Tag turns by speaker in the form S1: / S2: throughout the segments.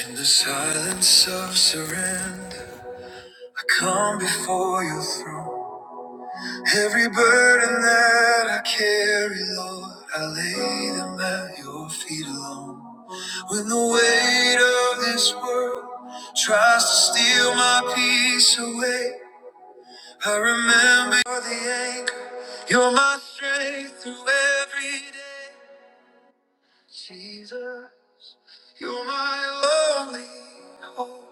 S1: In the silence of surrender, I come before your throne. Every burden that I carry, Lord, I lay them at your feet alone. When the weight of this world tries to steal my peace away, I remember you're the anchor, you're my strength through every day. Jesus, you're my only hope.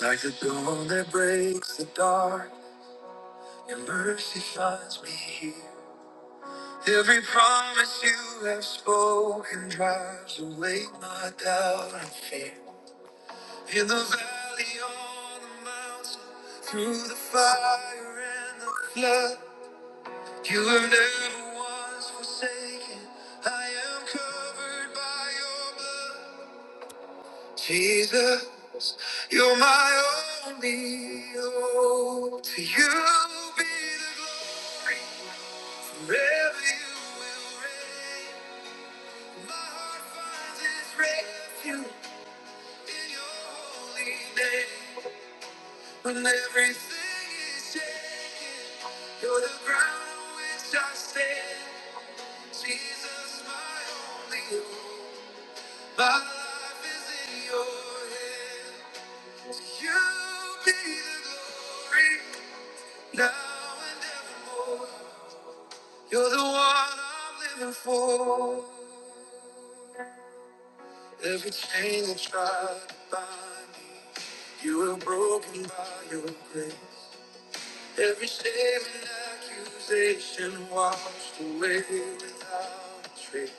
S1: Like the dawn that breaks the dark, your mercy finds me here. Every promise you have spoken drives away my doubt and fear. In the valley, on the mountain, through the fire and the flood, you have never once forsaken. I am covered by your blood. Jesus, you're my only hope. To you be the glory forever. You will reign. My heart finds its refuge in your holy name. When everything is shaken, you're the ground on which I stand. Jesus, my only hope. My life is in your hands. You be the glory now and evermore. You're the one I'm living for. Every chain that tried to bind me, you were broken by your grace. Every shame and accusation washed away without a trace.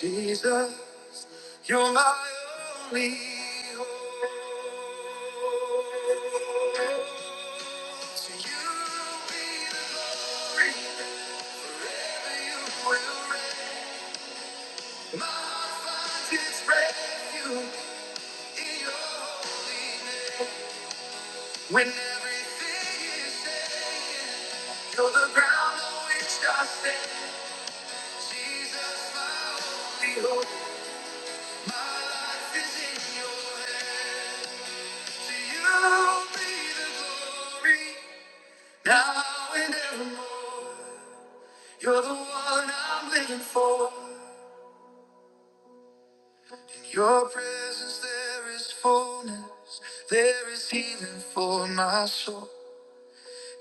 S1: Jesus, you're my only hope. To you be the glory, forever you will reign. My finest refuge. When everything is shaken, you're the ground on which I stand. Jesus, my only hope, my life is in your hands. To you be the glory, now and evermore. You're the one I'm living for. In your presence there is fullness, there is healing for my soul.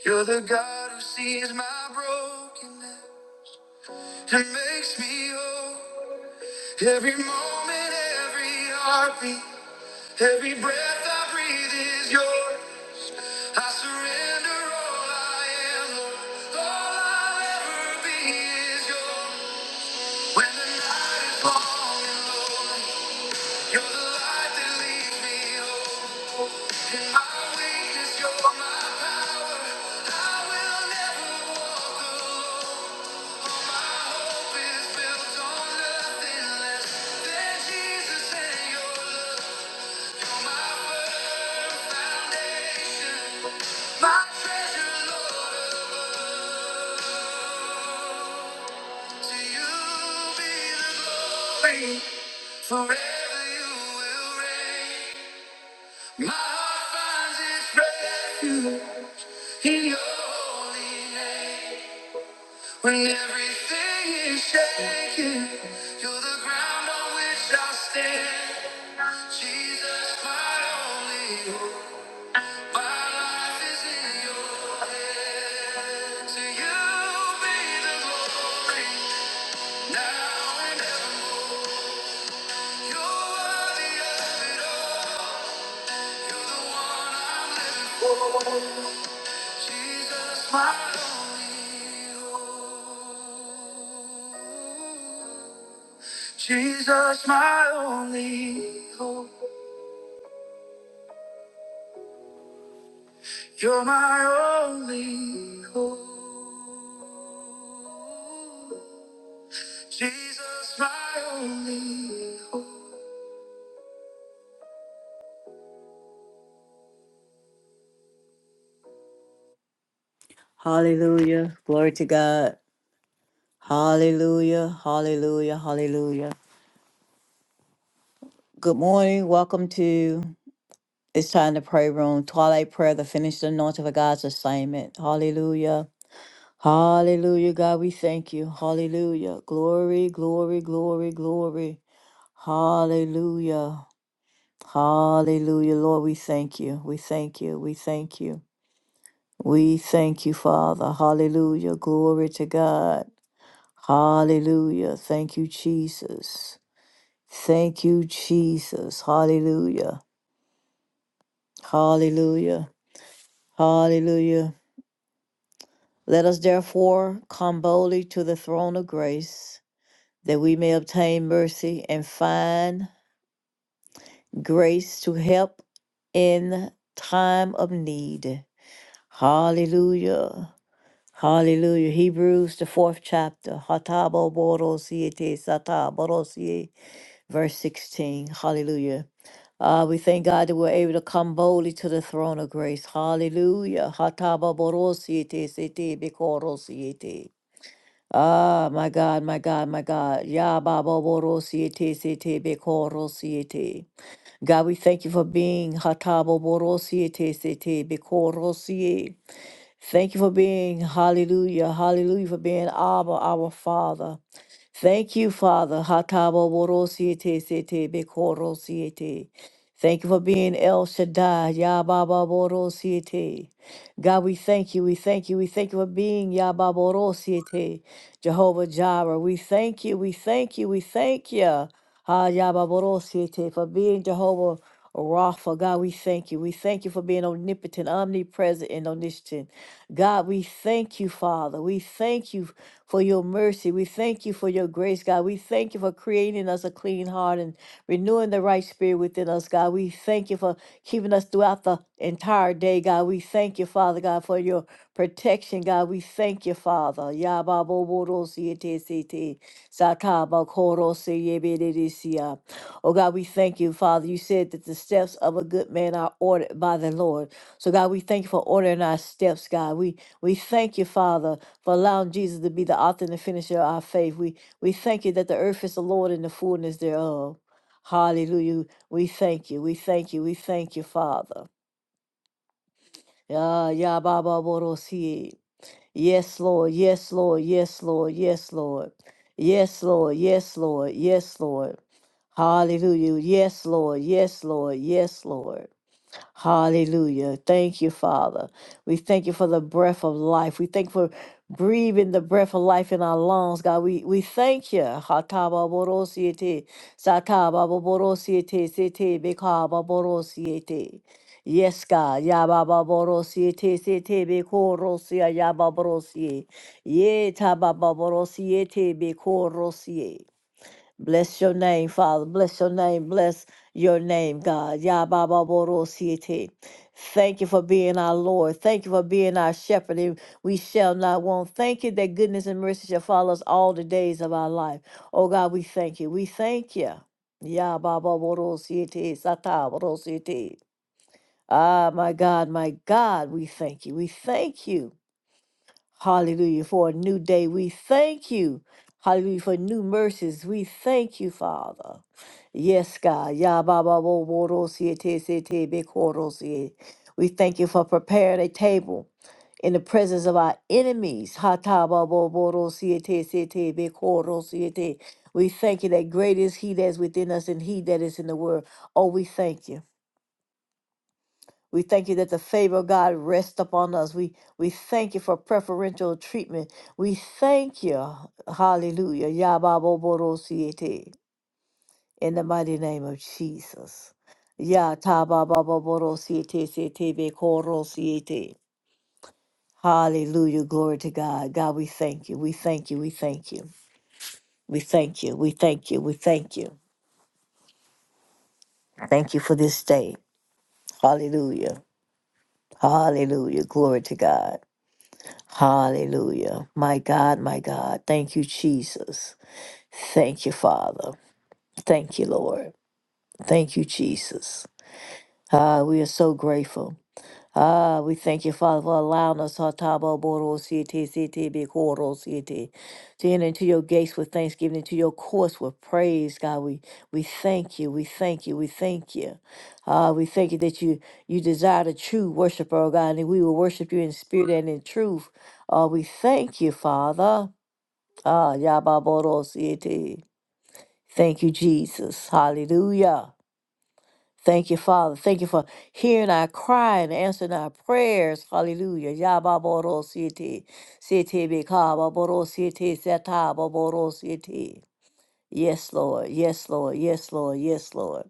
S1: You're the God who sees my brokenness and makes me whole. Every moment, every heartbeat, every breath I breathe is yours. I surrender all I am, Lord. All I'll ever be is yours. When the night is long and low, you're the light that leads me home. In my weakness, you're my power. I will never walk alone. Forever you will reign. My heart finds its refuge in your holy name. When everything is shaking, you're the ground on which I stand. Jesus, my only hope, my life is in your hands. To you be the glory, now and evermore. You're worthy of it all. You're the one I'm living for. Jesus, my only hope. Jesus, my only hope. You're my only hope. Jesus, my only hope. Hallelujah. Glory to God. Hallelujah. Hallelujah. Hallelujah. Good morning. Welcome to It's Time to Pray Room. Twilight Prayer, the finished anointing of God's assignment. Hallelujah. Hallelujah. God, we thank you. Hallelujah. Glory, glory, glory, glory. Hallelujah. Hallelujah. Lord, we thank you. We thank you. We thank you. We thank you, Father. Hallelujah. Glory to God. Hallelujah. Thank you, Jesus. Thank you, Jesus. Hallelujah. Hallelujah. Hallelujah. Let us therefore come boldly to the throne of grace that we may obtain mercy and find grace to help in time of need. Hallelujah. Hallelujah. Hebrews, the fourth chapter. Hatabo borosiete sata borosie, verse 16. Hallelujah. Uh, we thank God that we're able to come boldly to the throne of grace. Hallelujah. Hataba borosiete sete bekorosiete. Ah, my God, my God, my God. Ya Yababo borosiete sete bekorosiete. God, we thank you for being Hatabo borosiete sete bekorosie. Thank you for being, hallelujah, hallelujah, for being Abba, our Father. Thank you, Father. Hatabo borosiete sete bekorosiete. Thank you for being El Shaddai, Yababa borosiete. God, we thank you, we thank you, we thank you for being Yababa borosiete, Jehovah Jireh. We thank you, we thank you, we thank you, Ha Yababa borosiete, for being Jehovah. Rapha, God, we thank you. We thank you for being omnipotent, omnipresent, and omniscient. God, we thank you, Father. We thank you for your mercy. We thank you for your grace, God. We thank you for creating us a clean heart and renewing the right spirit within us, God. We thank you for keeping us throughout the entire day, God. We thank you, Father, God, for your protection, God. We thank you, Father. Yababo Sakaba Oh God, we thank you, Father. You said that the steps of a good man are ordered by the Lord. So God, we thank you for ordering our steps, God. We we thank you, Father, for allowing Jesus to be the author and the finisher of our faith. We we thank you that the earth is the Lord and the fullness thereof. Hallelujah. We thank you. We thank you. We thank you, Father. Yeah, yeah, Baba Yes, Lord. Yes, Lord. Yes, Lord. Yes, Lord. Yes, Lord. Yes, Lord. Yes, Lord. Hallelujah. Yes, Lord. Yes, Lord. Yes, Lord. Hallelujah. Thank you, Father. We thank you for the breath of life. We thank you for breathing the breath of life in our lungs, God. We we thank you. Hatababorosiete, satababorosiete, setebekoababorosiete. Yes, God. Yabababorosiete, setebekorosia, yababarosie. Yetabababorosie, tebekorosie. Bless your name, Father. Bless your name. Bless your name, God. Yabababosiete. Thank you for being our Lord. Thank you for being our shepherd. and We shall not want. Thank you that goodness and mercy shall follow us all the days of our life. Oh God, we thank you. We thank you. Yabababosiete, satabosiete. Ah, my God, my God, we thank you. We thank you. Hallelujah. For a new day, we thank you. Hallelujah. For new mercies, we thank you, Father. Yes, God. Ya ba ba bo bo ro si e te se te be ko ro si e. We thank you for preparing a table in the presence of our enemies. Ha ta ba bo bo ro si e te se te be ko ro si e te. We thank you that great is He that is within us and He that is in the world. Oh, we thank you. We thank you that the favor of God rests upon us. We we thank you for preferential treatment. We thank you. Hallelujah. Yababoborosiete. In the mighty name of Jesus. Ya ta ba ba ba bo ro si e te se tabababoborosiete setebe Hallelujah. Glory to God. God, we thank you. We thank you. We thank you. We thank you. We thank you. We thank you. Thank you for this day. Hallelujah. Hallelujah. Glory to God. Hallelujah. My God, my God. Thank you, Jesus. Thank you, Father. Thank you, Lord. Thank you, Jesus. Ah, we are so grateful. Ah, we thank you, Father, for allowing us ah, tabo Boro City City Bikoro City to enter into your gates with thanksgiving, into your courts with praise, God. We we thank you, we thank you, we thank you. Ah, we thank you that you you desire the true worshiper, oh God, and we will worship you in spirit and in truth. Oh, we thank you, Father. Ah, Yababodosiete. Thank you, Jesus. Hallelujah. Thank you, Father. Thank you for hearing our cry and answering our prayers. Hallelujah. Yababodosiete. Setebekababodosiete. Setababodosiete. Yes, Lord. Yes, Lord. Yes, Lord. Yes, Lord.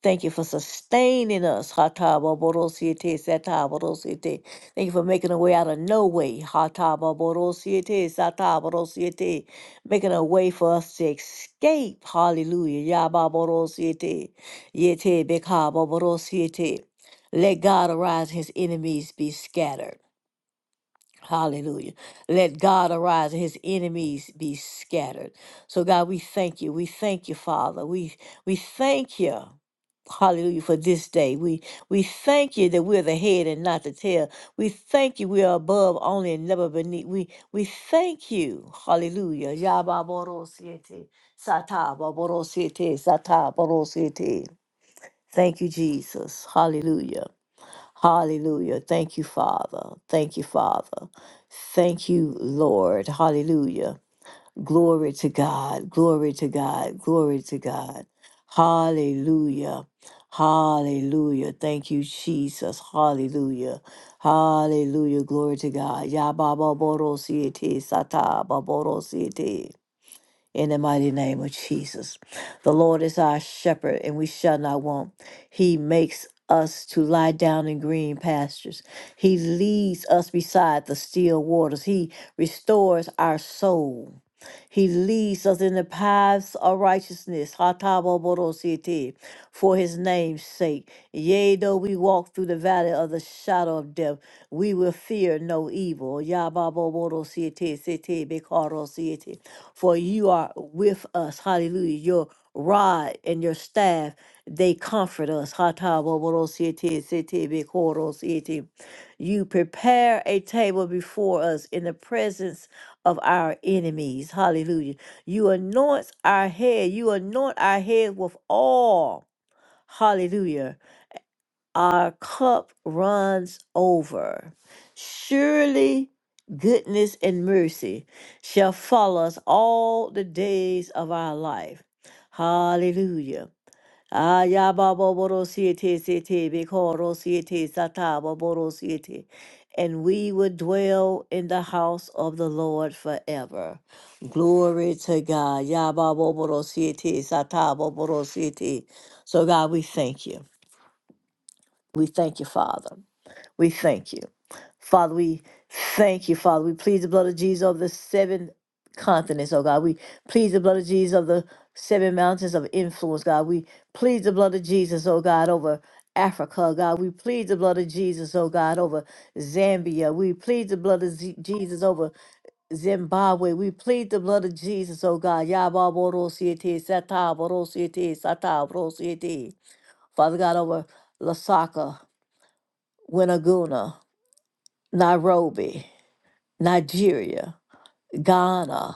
S1: Thank you for sustaining us. Hataba borosiete sataba rosiete. Thank you for making a way out of no way. Hataba borosiete sataba rosiete. Making a way for us to escape. Hallelujah. Yaba borosiete. Yete bekaba borosiete. Let God arise, his enemies be scattered. Hallelujah. Let God arise and his enemies be scattered. So God, we thank you. We thank you, Father. We we thank you. Hallelujah for this day. We we thank you that we're the head and not the tail. We thank you we are above only and never beneath. We we thank you. Hallelujah. Yababorosiete, satababorosiete, satababorosiete. Thank you, Jesus. Hallelujah. Hallelujah. Thank you, Father. Thank you, Father. Thank you, Lord. Hallelujah. Glory to God. Glory to God. Glory to God. Hallelujah. Hallelujah. Thank you, Jesus. Hallelujah. Hallelujah. Glory to God. Ya ba ba bo ro si e te sa ta ba bo ro si e te in the mighty name of Jesus. The Lord is our shepherd, and we shall not want. He makes us to lie down in green pastures. He leads us beside the still waters. He restores our soul. He leads us in the paths of righteousness, Hataboborosete, for his name's sake. Yea, though we walk through the valley of the shadow of death, we will fear no evil, Yababoborosete, Sete, Bekarosete, for you are with us. Hallelujah. Your rod and your staff, they comfort us. Hataboborosete, Sete, Bekorosete. You prepare a table before us in the presence of our enemies. Hallelujah. You anoint our head. You anoint our head with oil. Hallelujah. Our cup runs over. Surely goodness and mercy shall follow us all the days of our life. Hallelujah. Ayababorosiete sete bekorosiete satababorosiete. And we would dwell in the house of the Lord forever. Glory to God. Yababorosiete satababorosiete. So God, we thank you. We thank you, Father. We thank you. Father, we thank you, Father. We plead the blood of Jesus over the seven continents, oh God. We plead the blood of Jesus over the seven mountains of influence, God. We plead the blood of Jesus, oh God, over Africa, God. We plead the blood of Jesus, oh God, over Zambia. We plead the blood of Z- Jesus over Zimbabwe. We plead the blood of Jesus, oh God. Yababorosiete, Sataborosiete, Sataborosiete. Father God, over Lasaka, Winaguna. Nairobi, Nigeria, Ghana,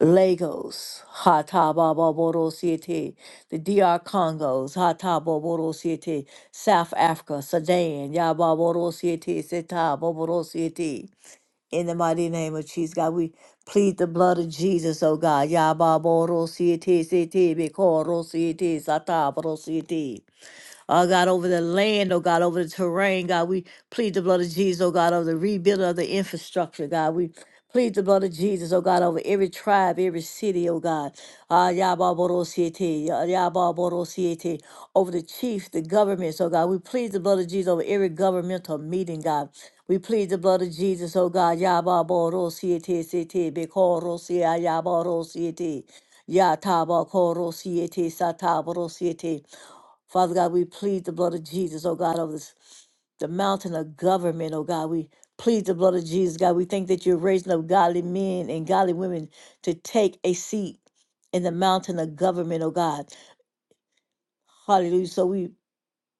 S1: Lagos, Hatababoro City, the DR Congos, Hataboboro City, South Africa, Sudan, Yababoro City, Setaboboro City. In the mighty name of Jesus, God, we plead the blood of Jesus, oh God. Yababoro City, City, Bikoro City, Sataboro City oh God, over the land, oh God, over the terrain, God. We plead the blood of Jesus, oh God, over the rebuilding of the infrastructure, God. We plead the blood of Jesus, oh God, over every tribe, every city, oh God. Ah, Yababorosiete, Ya- Yababorosiete, over the chiefs, the governments, oh God. We plead the blood of Jesus over every governmental meeting, God. We plead the blood of Jesus, oh God. Yababorosiete, Sete, Bekorosia, Yaborosiete. Yatabakorosiete, Sataborosiete. Father God, we plead the blood of Jesus, oh God, over this, the mountain of government, oh God. We plead the blood of Jesus, God. We think that you're raising up godly men and godly women to take a seat in the mountain of government, oh God. Hallelujah. So we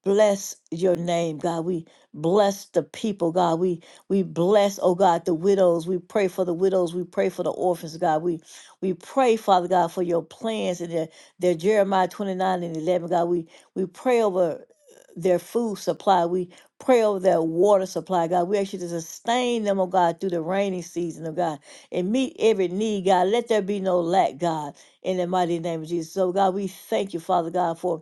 S1: Bless your name, God. We bless the people, God. We we bless, oh God, the widows. We pray for the widows. We pray for the orphans, God. We we pray, Father God, for your plans and their, their Jeremiah 29 and 11, God. We we pray over their food supply. We pray over their water supply, God. We ask you to sustain them, oh God, through the rainy season, oh God, and meet every need, God. Let there be no lack, God, in the mighty name of Jesus. So, God, we thank you, Father God, for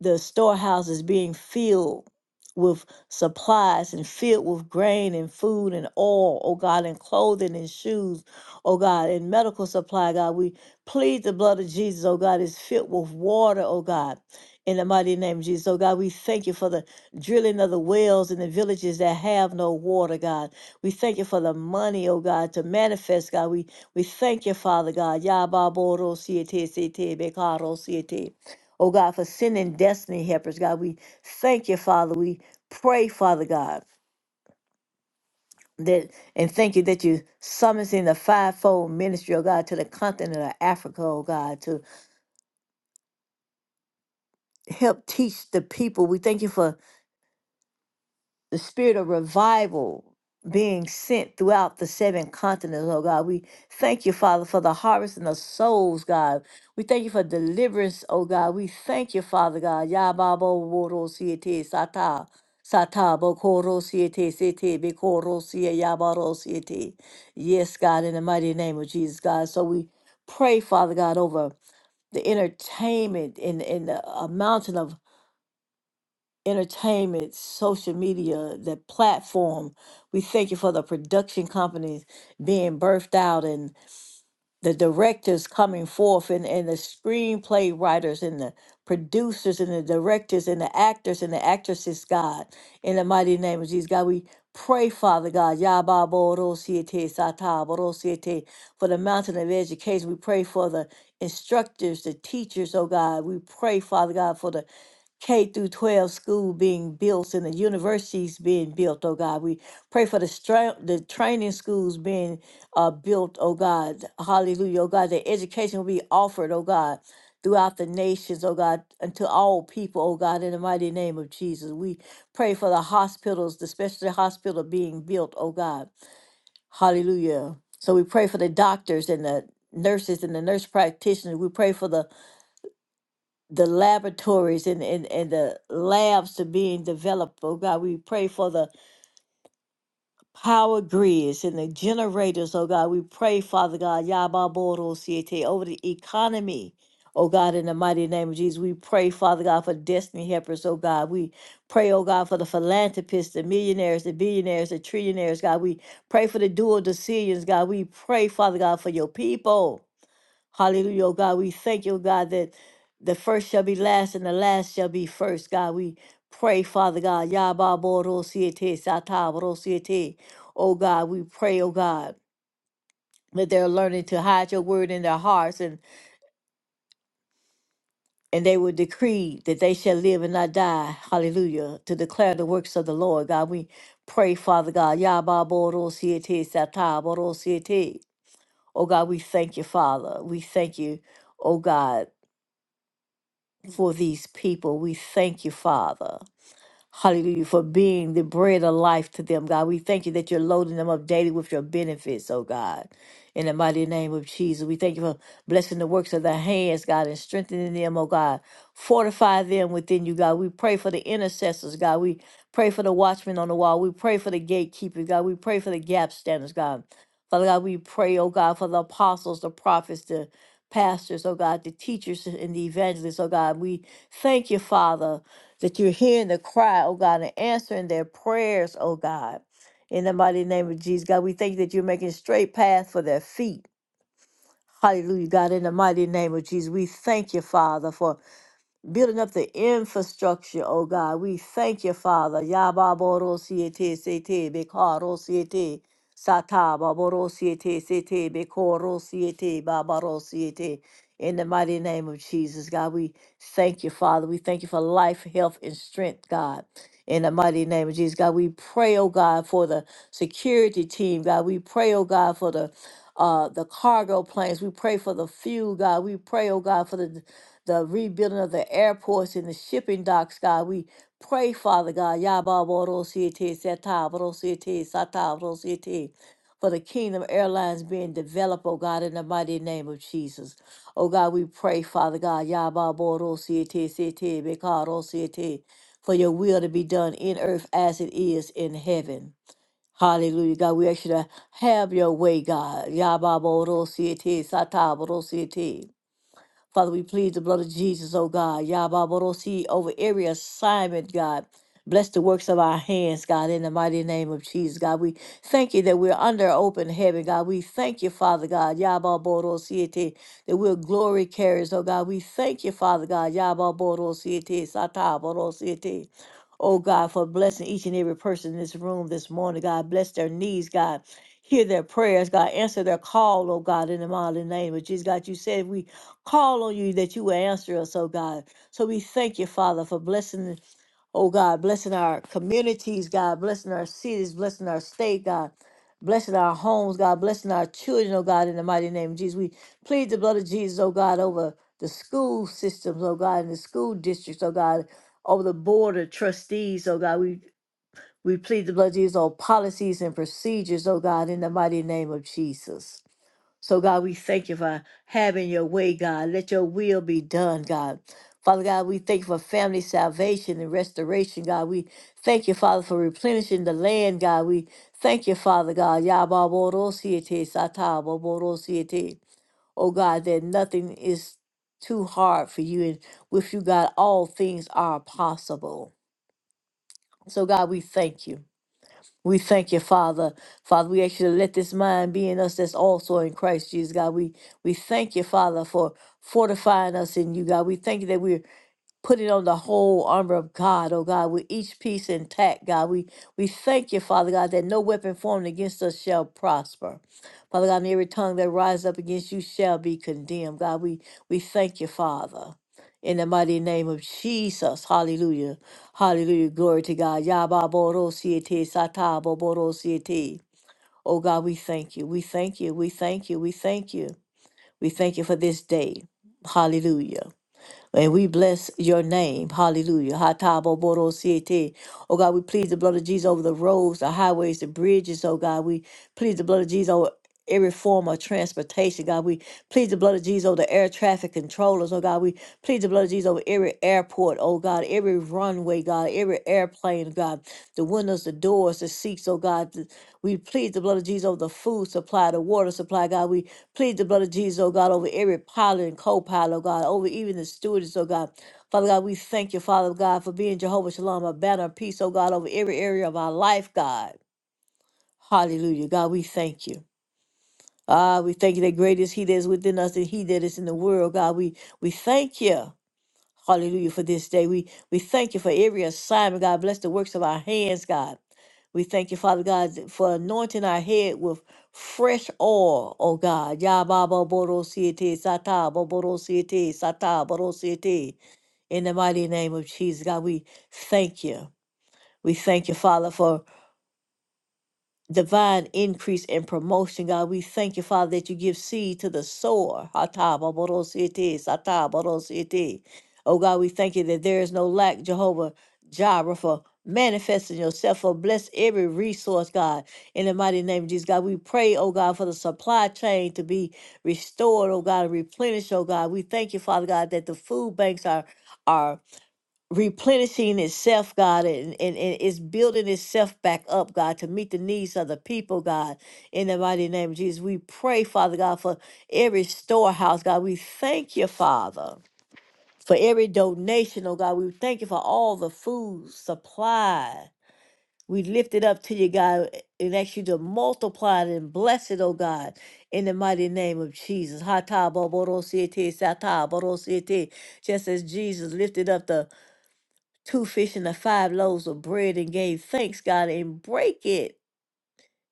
S1: the storehouses being filled with supplies and filled with grain and food and oil, oh God, and clothing and shoes, oh God, and medical supply, God. We plead the blood of Jesus, oh God, is filled with water, oh God. In the mighty name of Jesus, oh God, we thank you for the drilling of the wells in the villages that have no water, God. We thank you for the money, oh God, to manifest, God. We we thank you, Father God. Yababoro siete siete bekaro siete. Oh God, for sending destiny helpers, God. We thank you, Father. We pray, Father God, that and thank you that you summons in the fivefold ministry, oh God, to the continent of Africa, oh God, to help teach the people. We thank you for the spirit of revival being sent throughout the seven continents, oh God. We thank you, Father, for the harvest and the souls, God. We thank you for deliverance, oh God. We thank you, Father God. Yababo woro siete sata. Sata bokoro siete sete bekoro siye yabaro siete. Yes, God, in the mighty name of Jesus, God. So we pray, Father God, over the entertainment and, and the uh, mountain of entertainment, social media, the platform. We thank you for the production companies being birthed out and the directors coming forth and, and the screenplay writers and the producers and the directors and the actors and the actresses, God, in the mighty name of Jesus. God, we pray, Father God, Yababorosiete Sataborosiete, for the mountain of education. We pray for the instructors, the teachers, oh God. We pray, Father God, for the K through 12 school being built and the universities being built, oh God. We pray for the stra- the training schools being uh, built, oh God. Hallelujah, oh God. the education will be offered, oh God, throughout the nations, oh God, and to all people, oh God, in the mighty name of Jesus. We pray for the hospitals, the specialty hospital being built, oh God. Hallelujah. So we pray for the doctors and the nurses and the nurse practitioners. We pray for the the laboratories and, and, and the labs are being developed. Oh God, we pray for the power grids and the generators. Oh God, we pray, Father God, Yababoro Siete, over the economy. Oh God, in the mighty name of Jesus, we pray, Father God, for destiny helpers. Oh God, we pray, oh God, for the philanthropists, the millionaires, the billionaires, the trillionaires. God, we pray for the dual decisions. God, we pray, Father God, for your people. Hallelujah, oh God. We thank you, oh God, that the first shall be last and the last shall be first. God, we pray, Father God. Yaba boro siete, sata boro Oh God, we pray, oh God, that they're learning to hide your word in their hearts and and they will decree that they shall live and not die. Hallelujah. To declare the works of the Lord. God, we pray, Father God. Yaba boro siete, sata boro Oh God, we thank you, Father. We thank you, oh God. for these people. We thank you, Father. Hallelujah, for being the bread of life to them, God. We thank you that you're loading them up daily with your benefits, oh God. In the mighty name of Jesus, we thank you for blessing the works of their hands, God, and strengthening them, oh God. Fortify them within you, God. We pray for the intercessors, God. We pray for the watchmen on the wall. We pray for the gatekeepers, God. We pray for the gap standers, God. Father God, we pray, oh God, for the apostles, the prophets, the pastors, oh God, the teachers and the evangelists, oh God. We thank you, Father, that you're hearing the cry, oh God, and answering their prayers, oh God. In the mighty name of Jesus, God, we thank you that you're making straight paths for their feet. Hallelujah, God, in the mighty name of Jesus, we thank you, Father, for building up the infrastructure, oh God. We thank you, Father. Yababoro-siete, sete, bekaro-siete, sata, baboro-siete, sete, bekoro-siete, babaro-siete. In the mighty name of Jesus, God, we thank you, Father. We thank you for life, health, and strength, God. In the mighty name of Jesus, God, we pray, oh God, for the security team, God. We pray, oh God, for the uh, the cargo planes. We pray for the fuel, God. We pray, oh God, for the the rebuilding of the airports and the shipping docks, God. We pray, Father God, Yababodosiete, Satabodosiete, Satabodosiete, for the Kingdom Airlines being developed, oh God, in the mighty name of Jesus. Oh God, we pray, Father God, Yabba-bo-ro-si-te-si-te, Beka-ro-si-te, for your will to be done in earth as it is in heaven. Hallelujah, God. We ask you to have your way, God. Yabba-bo-ro-si-te, Sata-bo-ro-si-te. Father, we plead the blood of Jesus, oh God. Yababorosi over every assignment, God. Bless the works of our hands, God, in the mighty name of Jesus, God. We thank you that we're under open heaven, God. We thank you, Father God. Yababorosi that we're glory carriers, oh God. We thank you, Father God. Yababorosi sataborosi oh God, for blessing each and every person in this room this morning. God, bless their needs, God. Hear their prayers, God. Answer their call, oh God, in the mighty name of Jesus. God, you said we call on you that you will answer us, oh God. So we thank you, Father, for blessing, oh God, blessing our communities, God, blessing our cities, blessing our state, God, blessing our homes, God, blessing our children, oh God, in the mighty name of Jesus. We plead the blood of Jesus, oh God, over the school systems, oh God, and the school districts, oh God, over the board of trustees, oh God. We we plead the blood of Jesus on policies and procedures, oh God, in the mighty name of Jesus. So, God, we thank you for having your way, God. Let your will be done, God. Father God, we thank you for family salvation and restoration, God. We thank you, Father, for replenishing the land, God. We thank you, Father God. Yababorosiete, satababorosiete. Oh, God, that nothing is too hard for you. And with you, God, all things are possible. So, God, we thank you. We thank you, Father. Father, we actually let this mind be in us that's also in Christ Jesus, God. We we thank you, Father, for fortifying us in you, God. We thank you that we're putting on the whole armor of God, oh God, with each piece intact, God. We we thank you, Father God, that no weapon formed against us shall prosper. Father God, and every tongue that rises up against you shall be condemned. God, we we thank you, Father. In the mighty name of Jesus. Hallelujah. Hallelujah. Glory to God. Yaba boro siete sata boro siete. Oh God, we thank you. We thank you. We thank you. We thank you. We thank you for this day. Hallelujah. And we bless your name. Hallelujah. Hataboborosiete. Oh God, we plead the blood of Jesus over the roads, the highways, the bridges. Oh God, we plead the blood of Jesus every form of transportation, God. We plead the blood of Jesus over the air traffic controllers, oh God. We plead the blood of Jesus over every airport, oh God, every runway, God, every airplane, God, the windows, the doors, the seats, oh God. th- We plead the blood of Jesus over the food supply, the water supply, God. We plead the blood of Jesus, oh God, over every pilot and co pilot, oh God, over even the stewardess, oh God. Father God, we thank you, Father God, for being Jehovah Shalom, a banner of peace, oh God, over every area of our life, God. Hallelujah. God, we thank you. Ah, we thank you that great is He that is within us than He that is in the world. God, we we thank you. Hallelujah for this day. We we thank you for every assignment. God bless the works of our hands, God. We thank you, Father God, th- for anointing our head with fresh oil, oh God. Ya ba ba bo ro si e te sa ta bo bo ro ro si si ro si satabodosiete. In the mighty name of Jesus, God, we thank you. We thank you, Father, for divine increase and promotion, God. We thank you, Father, that you give seed to the sower. Hatabarodosete, satabarodosete. Oh God, we thank you that there is no lack, Jehovah Jireh, for manifesting yourself, for bless every resource, God. In the mighty name of Jesus, God, we pray, oh God, for the supply chain to be restored, oh God, and replenished, oh God. We thank you, Father God, that the food banks are are replenishing itself, God, and, and, and it's building itself back up, God, to meet the needs of the people, God. In the mighty name of Jesus, we pray, Father God, for every storehouse, God. We thank you, Father, for every donation, oh God. We thank you for all the food supply. We lift it up to you, God, and ask you to multiply it and bless it, oh God, in the mighty name of Jesus. Hata bo bo ro si te, sa bo ro si te. Just as Jesus lifted up the two fish and the five loaves of bread and gave thanks, God, and break it,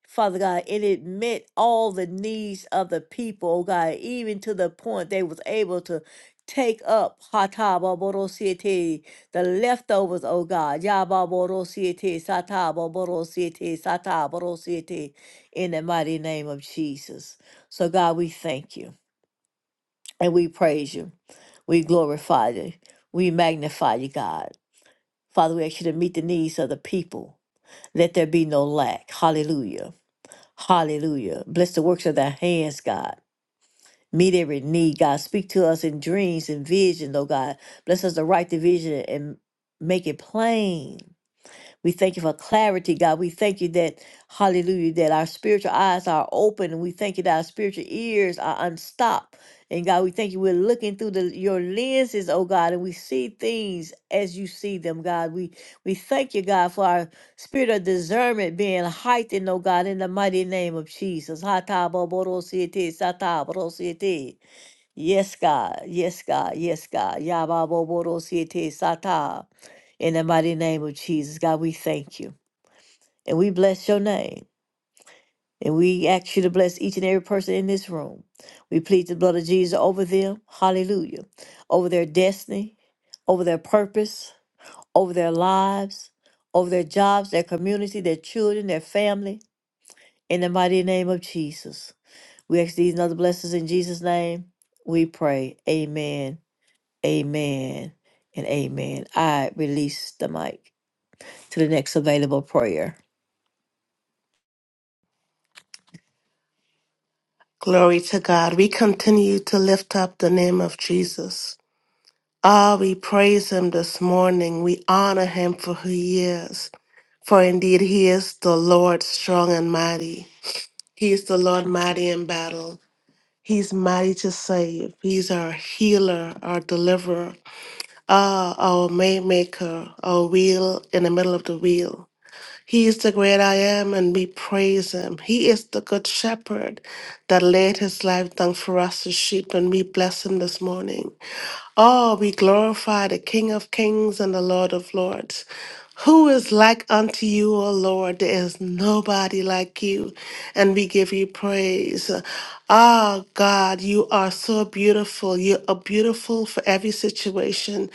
S1: Father God. And it met all the needs of the people, oh God, even to the point they was able to take up hatababorosiete, the leftovers, oh God, yababorosiete, satababorosiete, satababorosiete, in the mighty name of Jesus. So God, we thank you and we praise you. We glorify you. We magnify you, God. Father, we ask you to meet the needs of the people. Let there be no lack. Hallelujah. Hallelujah. Bless the works of thy hands, God. Meet every need, God. Speak to us in dreams and vision, oh God. Bless us to write the vision and make it plain. We thank you for clarity, God. We thank you that, hallelujah, that our spiritual eyes are open and we thank you that our spiritual ears are unstopped. And God, we thank you. We're looking through the, your lenses, oh God, and we see things as you see them, God. We we thank you, God, for our spirit of discernment being heightened, oh God, in the mighty name of Jesus. Hataboborosiete, sataborosiete. Yes, God. Yes, God. Yes, God. Yababoborosiete, sata. In the mighty name of Jesus, God, we thank you and we bless your name. And we ask you to bless each and every person in this room. We plead the blood of Jesus over them. Hallelujah. Over their destiny, over their purpose, over their lives, over their jobs, their community, their children, their family. In the mighty name of Jesus. We ask these and other blessings in Jesus' name. We pray. Amen. Amen. And amen. I release the mic to the next available prayer.
S2: Glory to God. We continue to lift up the name of Jesus. Ah, we praise him this morning. We honor him for who he is. For indeed, he is the Lord strong and mighty. He is the Lord mighty in battle. He's mighty to save. He's our healer, our deliverer, ah, our waymaker, our wheel in the middle of the wheel. He is the great I am, and we praise him. He is the good shepherd that laid his life down for us as sheep, and we bless him this morning. Oh, we glorify the King of kings and the Lord of lords. Who is like unto you, O Lord? There is nobody like you, and we give you praise. Ah, God, you are so beautiful. You are beautiful for every situation.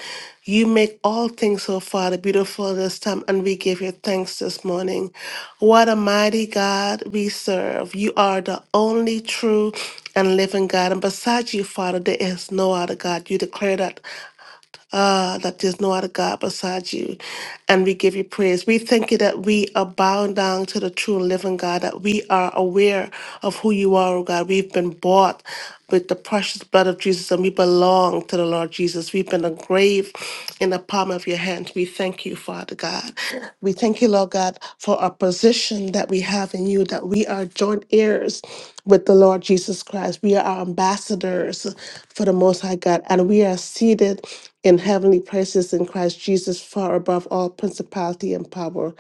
S2: You make all things so far beautiful this time, and we give you thanks this morning. What a mighty God we serve. You are the only true and living God. And besides you, Father, there is no other God. You declare that uh, that there's no other God besides you. And we give you praise. We thank you that we are bowing down to the true and living God, that we are aware of who you are, oh God. We've been bought with the precious blood of Jesus and we belong to the Lord Jesus. We've been a grave in the palm of your hand. We thank you, Father God. We thank you, Lord God, for our position that we have in you, that we are joint heirs with the Lord Jesus Christ. We are ambassadors for the Most High God, and we are seated in heavenly places in Christ Jesus, far above all principality and power.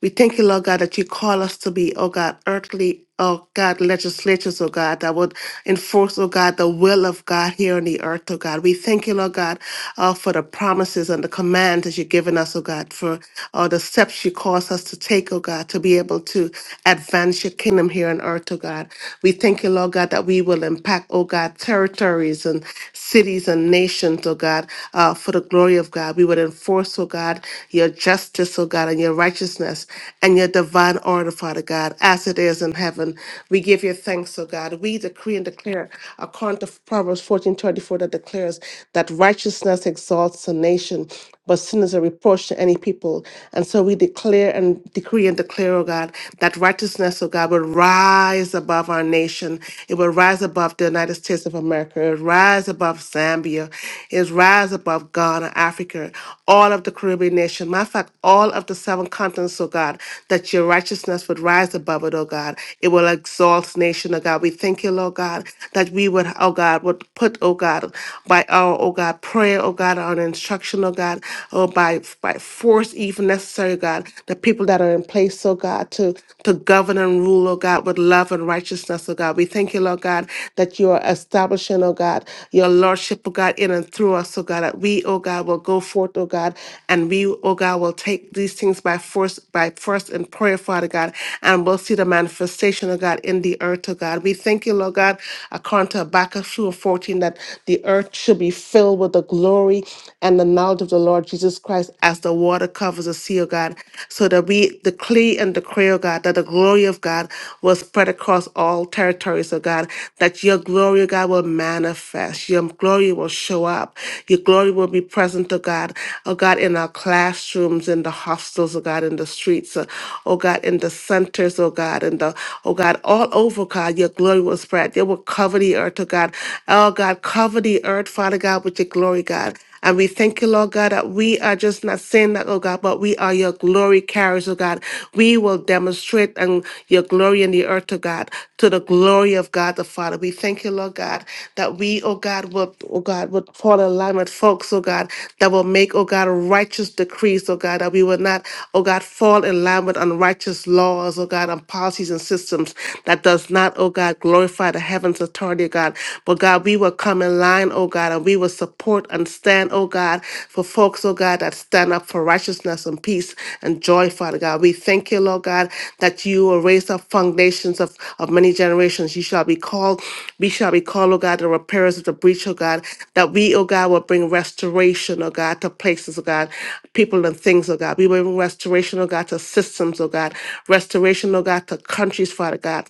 S2: We thank you, Lord God, that you call us to be, oh God, earthly, oh God, legislatures, oh God, that would enforce, oh God, the will of God here on the earth, oh God. We thank you, Lord God, uh, for the promises and the commands that you've given us, oh God, for uh, the steps you cause us to take, oh God, to be able to advance your kingdom here on earth, oh God. We thank you, Lord God, that we will impact, oh God, territories and cities and nations, oh God, uh, for the glory of God. We would enforce, oh God, your justice, oh God, and your righteousness and your divine order, Father God, as it is in heaven. We give you thanks, oh God. We decree and declare, according to Proverbs fourteen twenty four, that declares that righteousness exalts a nation, but sin is a reproach to any people. And so we declare and decree and declare, oh God, that righteousness, oh God, would rise above our nation. It will rise above the United States of America. It will rise above Zambia. It will rise above Ghana, Africa, all of the Caribbean nation. Matter of fact, all of the seven continents, oh God, that your righteousness would rise above it, oh God. It will exalt nation, oh God. We thank you, Lord God, that we would, oh God, would put, oh God, by our, oh God, prayer, oh God, our instruction, oh God, oh by by by force, even necessary, God. The people that are in place, oh God, to, to govern and rule, oh God, with love and righteousness, oh God. We thank you, Lord God, that you are establishing, oh God, your lordship, oh God, in and through us, oh God, that we, oh God, will go forth, oh God, and we, oh God, will take these things by force, by force and prayer, Father God, and we'll see the manifestation, oh God, in the earth, oh God. We thank you, Lord God, according to Habakkuk 2 and 14, that the earth should be filled with the glory and the knowledge of the Lord Jesus Christ as the water covers the sea, O God, so that we decree and declare, O God, that the glory of God will spread across all territories, O God, that your glory, O God, will manifest. Your glory will show up. Your glory will be present, O God, O God, in our classrooms, in the hostels, O God, in the streets, uh, O God, in the centers, O God, in the, O God, all over, God, your glory will spread. It will cover the earth, O God. Oh, God, cover the earth, Father God, with your glory, God. And we thank you, Lord God, that we are just not saying that, oh God, but we are your glory carriers, oh God. We will demonstrate and your glory in the earth, oh God, to the glory of God the Father. We thank you, Lord God, that we, oh God, will, oh God, would fall in alignment, folks, oh God, that will make, oh God, righteous decrees, oh God, that we will not, oh God, fall in line with unrighteous laws, oh God, and policies and systems that does not, oh God, glorify the heavens authority, oh God, but God, we will come in line, oh God, and we will support and stand, oh God, for folks, oh God, that stand up for righteousness and peace and joy, Father God. We thank you, Lord God, that you will raise up foundations of, of many generations. You shall be called, we shall be called, oh God, the repairers of the breach, oh God, that we, oh God, will bring restoration, oh God, to places, oh God, people and things, oh God. We will bring restoration, oh God, to systems, oh God, restoration, oh God, to countries, Father God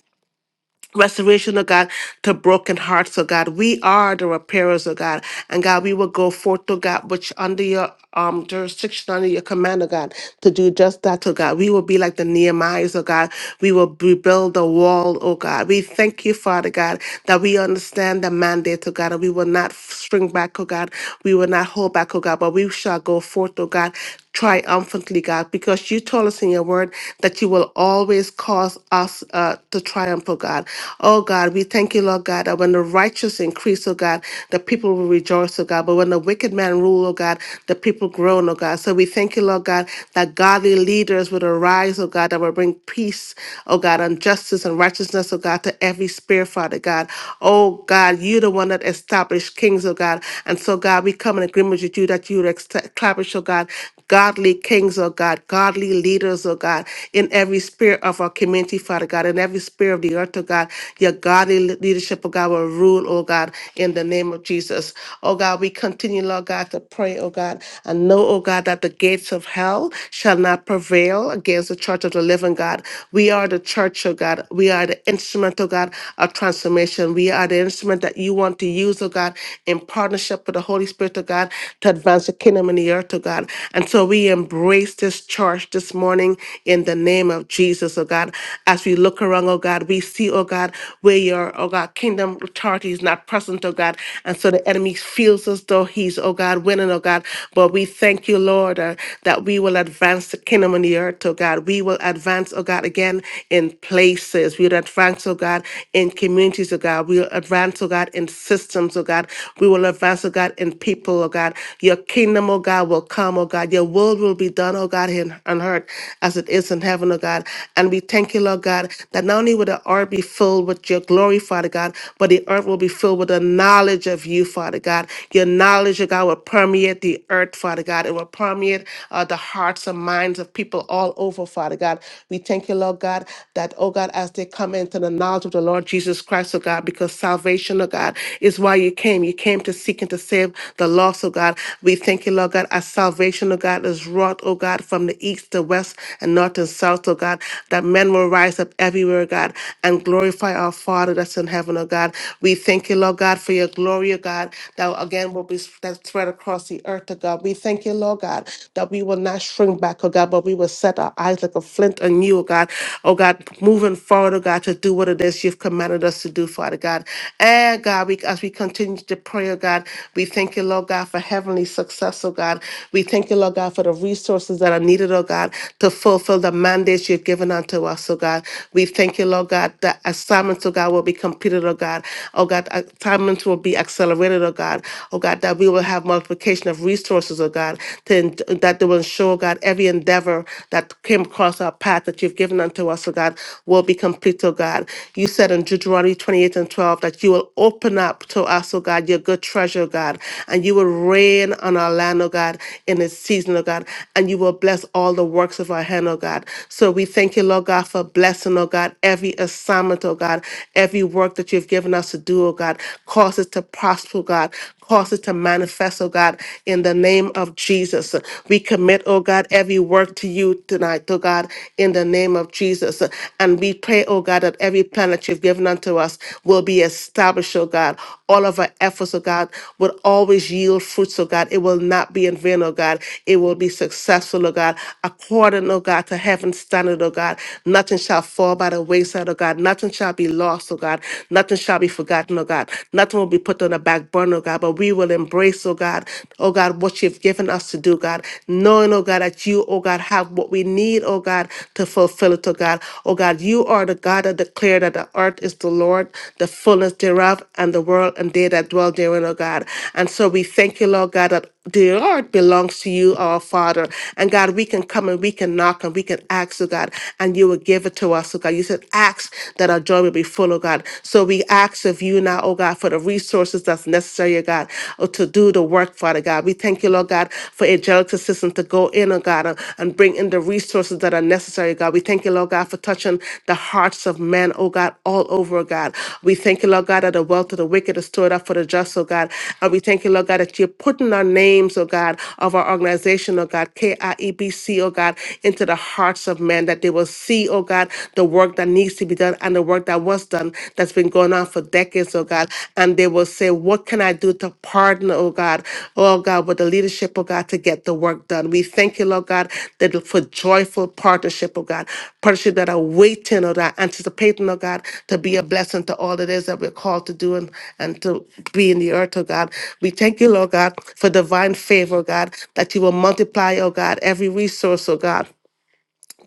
S2: restoration, oh God, to broken hearts, oh God. We are the repairers, oh God. And God, we will go forth, oh God, which under your um jurisdiction, under your command, oh God, to do just that, oh God. We will be like the Nehemiahs, oh God. We will rebuild the wall, oh God. We thank you, Father God, that we understand the mandate, oh God, and we will not shrink back, oh God. We will not hold back, oh God, but we shall go forth, oh God, triumphantly, God, because you told us in your word that you will always cause us uh, to triumph, oh God. Oh God, we thank you, Lord God, that when the righteous increase, oh God, the people will rejoice, oh God. But when the wicked man rule, oh God, the people groan, oh God. So we thank you, Lord God, that godly leaders would arise, oh God, that will bring peace, oh God, and justice and righteousness, oh God, to every spirit, Father God. Oh God, you're the one that established kings, oh God. And so, God, we come in agreement agreement with you that you would establish, oh God, godly kings, oh God, godly leaders, oh God, in every sphere of our community, Father God, in every sphere of the earth, oh God, your godly le- leadership, oh God, will rule, oh God, in the name of Jesus. Oh God, we continue, Lord God, to pray, oh God, and know, oh God, that the gates of hell shall not prevail against the church of the living God. We are the church, oh God. We are the instrument, oh God, of transformation. We are the instrument that you want to use used, oh God, in partnership with the Holy Spirit, oh God, to advance the kingdom in the earth, oh God. And so we embrace this charge this morning in the name of Jesus, oh God. As we look around, oh God, we see, oh God, where your, oh God, kingdom authority is not present, oh God. And so the enemy feels as though he's, oh God, winning, oh God. But we thank you, Lord, uh, that we will advance the kingdom on the earth, oh God. We will advance, oh God, again in places. We'll advance, oh God, in communities communities, oh God. We will advance, oh God, in systems, oh God. We will advance, oh God, in people, oh God. Your kingdom, oh God, will come, oh God. Your will will be done, oh God, in, on earth as it is in heaven, oh God. And we thank you, Lord God, that not only will the earth be filled with your glory, Father God, but the earth will be filled with the knowledge of you, Father God. Your knowledge, oh God, will permeate the earth, Father God. It will permeate uh, the hearts and minds of people all over, Father God. We thank you, Lord God, that that, oh God, as they come into the knowledge of the Lord Jesus Christ, oh God, because salvation, oh God, is why you came. You came to seek and to save the lost, oh God. We thank you, Lord God, as salvation, oh God, is wrought, oh God, from the east, the west, and north and south, oh God, that men will rise up everywhere, oh God, and glorify our Father that's in heaven, oh God. We thank you, Lord God, for your glory, oh God, that again will be that spread across the earth, oh God. We thank you, Lord God, that we will not shrink back, oh God, but we will set our our eyes like a flint on you, oh God. Oh God, moving forward, oh God, to do what it is you've commanded us to do, Father God. And God, we, as we continue to pray, oh God, we thank you, Lord God, for heavenly success, oh God. We thank you, Lord God, for the resources that are needed, oh God, to fulfill the mandates you've given unto us, oh God. We thank you, Lord God, that assignments, oh God, will be completed, oh God. Oh God, assignments will be accelerated, oh God. Oh God, that we will have multiplication of resources, oh God, to, that they will ensure, God, every endeavor that came across our path that you've given unto us, oh God, will be complete, oh God. You said in Deuteronomy 28 and 12 that you will open up to us, oh God, your good treasure, oh God, and you will rain on our land, oh God, in its season, oh God, and you will bless all the works of our hand, oh God. So we thank you, Lord God, for blessing, oh God, every assignment, oh God, every work that you've given us to do, oh God. Cause us to prosper, oh God. Cause it to manifest, oh God, in the name of Jesus. We commit, oh God, every work to you tonight, oh God, in the name of Jesus. And we pray, oh God, that every plan that you've given unto us will be established, oh God. All of our efforts, oh God, will always yield fruits, oh God. It will not be in vain, oh God. It will be successful, oh God, according, oh God, to heaven's standard, oh God. Nothing shall fall by the wayside, oh God. Nothing shall be lost, oh God. Nothing shall be forgotten, oh God oh God. Nothing will be put on the back burner, oh God, but we will embrace, oh God, oh God, what you've given us to do, God. Knowing, oh God, that you, oh God, have what we need, oh God, to fulfill it, oh God. Oh God, you are the God that declared that the earth is the Lord, the fullness thereof, and the world and they that dwell therein, oh God. And so we thank you, Lord God, that the Lord belongs to you, our Father. And God, we can come and we can knock and we can ask, oh God, and you will give it to us, oh God. You said, ask that our joy joy will be full, oh God. So we ask of you now, oh God, for the resources that's necessary, oh God, oh, to do the work, Father God. We thank you, Lord God, for angelic assistance to go in, oh God, uh, and bring in the resources that are necessary, God. We thank you, Lord God, for touching the hearts of men, oh God, all over, oh God. We thank you, Lord God, that the wealth of the wicked is stored up for the just, oh God. And we thank you, Lord God, that you're putting our names, oh God, of our organization, oh God, K I E B C, oh God, into the hearts of men that they will see, oh God. God, the work that needs to be done and the work that was done that's been going on for decades, oh God. And they will say, What can I do to partner, oh God, oh God, with the leadership, oh God, to get the work done? We thank you, Lord God, that for joyful partnership, oh God, partnership that are waiting, oh God, anticipating, oh God, to be a blessing to all it is that we're called to do and, and to be in the earth, oh God. We thank you, Lord God, for divine favor, oh God, that you will multiply, oh God, every resource, oh God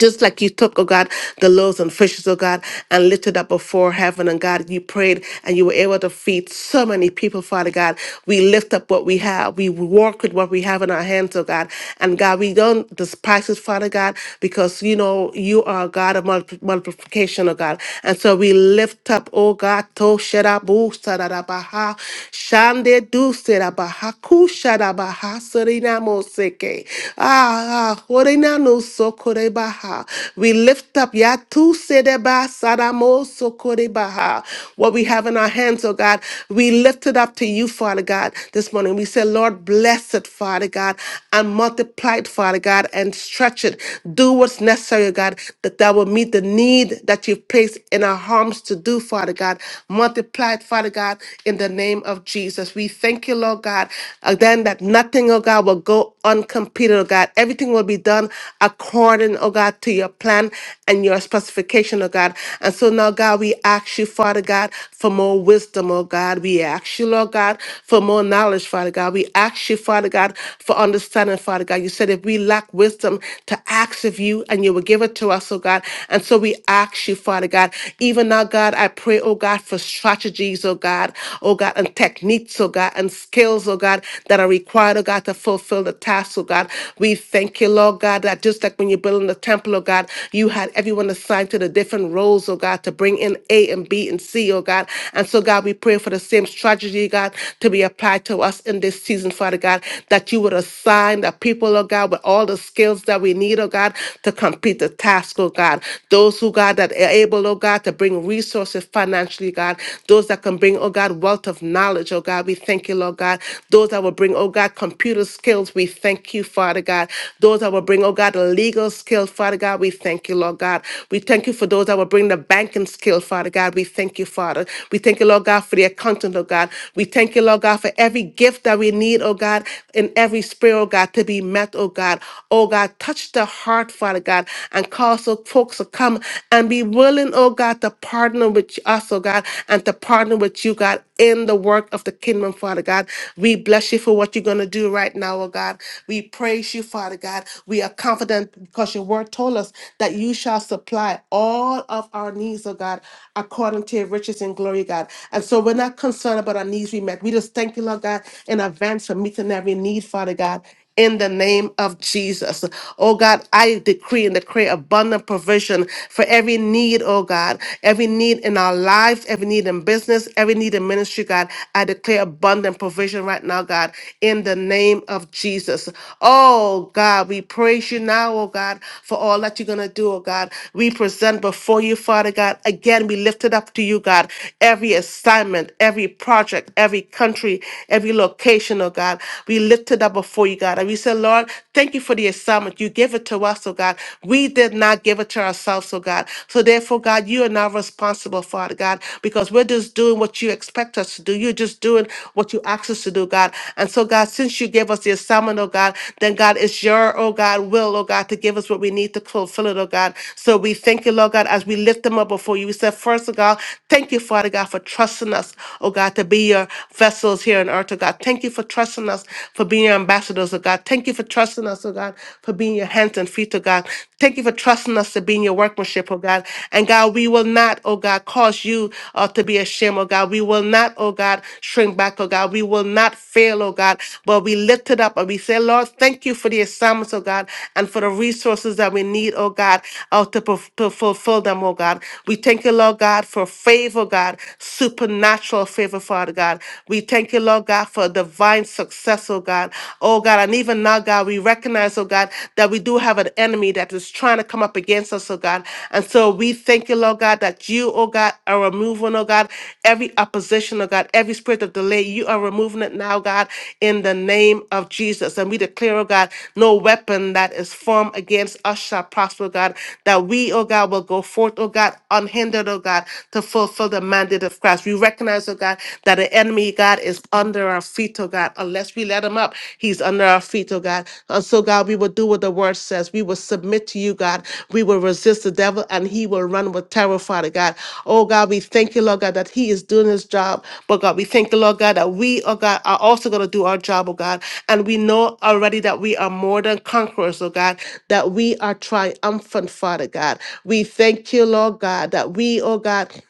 S2: just like you took, oh God, the loaves and fishes, oh God, and lifted up before heaven, and God, you prayed and you were able to feed so many people, Father God. We lift up what we have. We work with what we have in our hands, oh God. And God, we don't despise it, Father God, because you know you are a God of multi- multiplication, oh God. And so we lift up, oh God, to shadabu sadadabaha, shande du sadabaha, ku shadabaha, serinamo seke. Ah, ah, ah, orena no sokore baha. We lift up Yatu Sedeba Sadamo Sokore Baha. What we have in our hands, oh God, we lift it up to you, Father God, this morning. We say, Lord, bless it, Father God, and multiply it, Father God, and stretch it. Do what's necessary, oh God, that that will meet the need that you've placed in our arms to do, Father God. Multiply it, Father God, in the name of Jesus. We thank you, Lord God, again, that nothing Nothing, oh God, will go uncompleted, oh God. Everything will be done according, oh God, to your plan and your specification, oh God. And so now, God, we ask you, Father God, for more wisdom, oh God. We ask you, Lord God, for more knowledge, Father God. We ask you, Father God, for understanding, Father God. You said if we lack wisdom to ask of you and you will give it to us, oh God. And so we ask you, Father God, even now, God, I pray, oh God, for strategies, oh God, oh God, and techniques, oh God, and skills, oh God, that are required, oh God, to fulfill the task, oh God. We thank you, Lord God, that just like when you're building the temple, oh God, you had everyone assigned to the different roles, oh God, to bring in A and B and C, oh God. And so, God, we pray for the same strategy, God, to be applied to us in this season, Father God, that you would assign the people, oh God, with all the skills that we need, oh God, to complete the task, oh God. Those who, God, that are able, oh God, to bring resources financially, God. Those those that can bring, oh God, wealth of knowledge, oh God. We thank you, Lord God. Those that will bring, oh God, computer skills, we thank you, Father God. Those that will bring, oh God, the legal skill. Father God, we thank you, Lord God. We thank you for those that will bring the banking skill, Father God. We thank you, Father. We thank you, Lord God, for the accountant, oh God. We thank you, Lord God, for every gift that we need, oh God, in every spirit, oh God, to be met, oh God. Oh God, touch the heart, Father God, and cause so folks to come and be willing, oh God, God, to partner with us, oh God, and to partner with you, God, in the work of the kingdom, Father God. We bless you for what you're going to do right now, oh God. We praise you, Father God. We are confident because your word told us that you shall supply all of our needs, oh God, according to your riches and glory, God. And so we're not concerned about our needs we met. We just thank you, Lord God, in advance for meeting every need, Father God in the name of Jesus. Oh God, I decree and declare abundant provision for every need, oh God, every need in our lives, every need in business, every need in ministry, God. I declare abundant provision right now, God, in the name of Jesus. Oh God, we praise you now, oh God, for all that you're going to do, oh God. We present before you, Father God. Again, we lift it up to you, God. Every assignment, every project, every country, every location, oh God. We lift it up before you, God. And we say, Lord, thank you for the assignment. You gave it to us, oh God. We did not give it to ourselves, oh God. So therefore, God, you are not responsible, Father God, because we're just doing what you expect us to do. You're just doing what you ask us to do, God. And so, God, since you gave us the assignment, oh God, then God, it's your, oh God, will, oh God, to give us what we need to fulfill it, oh God. So we thank you, Lord God, as we lift them up before you. We said, first, oh God, thank you, Father God, for trusting us, oh God, to be your vessels here on earth earth, oh God. Thank you for trusting us for being your ambassadors, oh God. Thank you for trusting us, oh God, for being your hands and feet, oh God. Thank you for trusting us to be in your workmanship, oh God. And God, we will not, oh God, cause you uh, to be ashamed, oh God. We will not, oh God, shrink back, oh God. We will not fail, oh God. But we lift it up and we say, Lord, thank you for the assignments, oh God, and for the resources that we need, oh God, uh, to, perf- to fulfill them, oh God. We thank you, Lord God, for favor, oh God, supernatural favor for our Father God. We thank you, Lord God, for divine success, oh God. Oh God, and even now, God, we recognize, oh God, that we do have an enemy that is trying to come up against us, oh God. And so we thank you, Lord God, that you, oh God, are removing, oh God, every opposition, oh God, every spirit of delay. You are removing it now, God, in the name of Jesus. And we declare, oh God, no weapon that is formed against us shall prosper, God, that we, oh God, will go forth, oh God, unhindered, oh God, to fulfill the mandate of Christ. Christ. We recognize, oh God, that the enemy, God, is under our feet, oh God. Unless we let him up, he's under our feet, oh God. And so, God, we will do what the word says. We will submit to you, God. We will resist the devil and he will run with terror, Father God. Oh, God, we thank you, Lord God, that he is doing his job. But, God, we thank you, Lord God, that we, oh God, are also going to do our job, oh God. And we know already that we are more than conquerors, oh God, that we are triumphant, Father God. We thank you, Lord God, that we, oh God,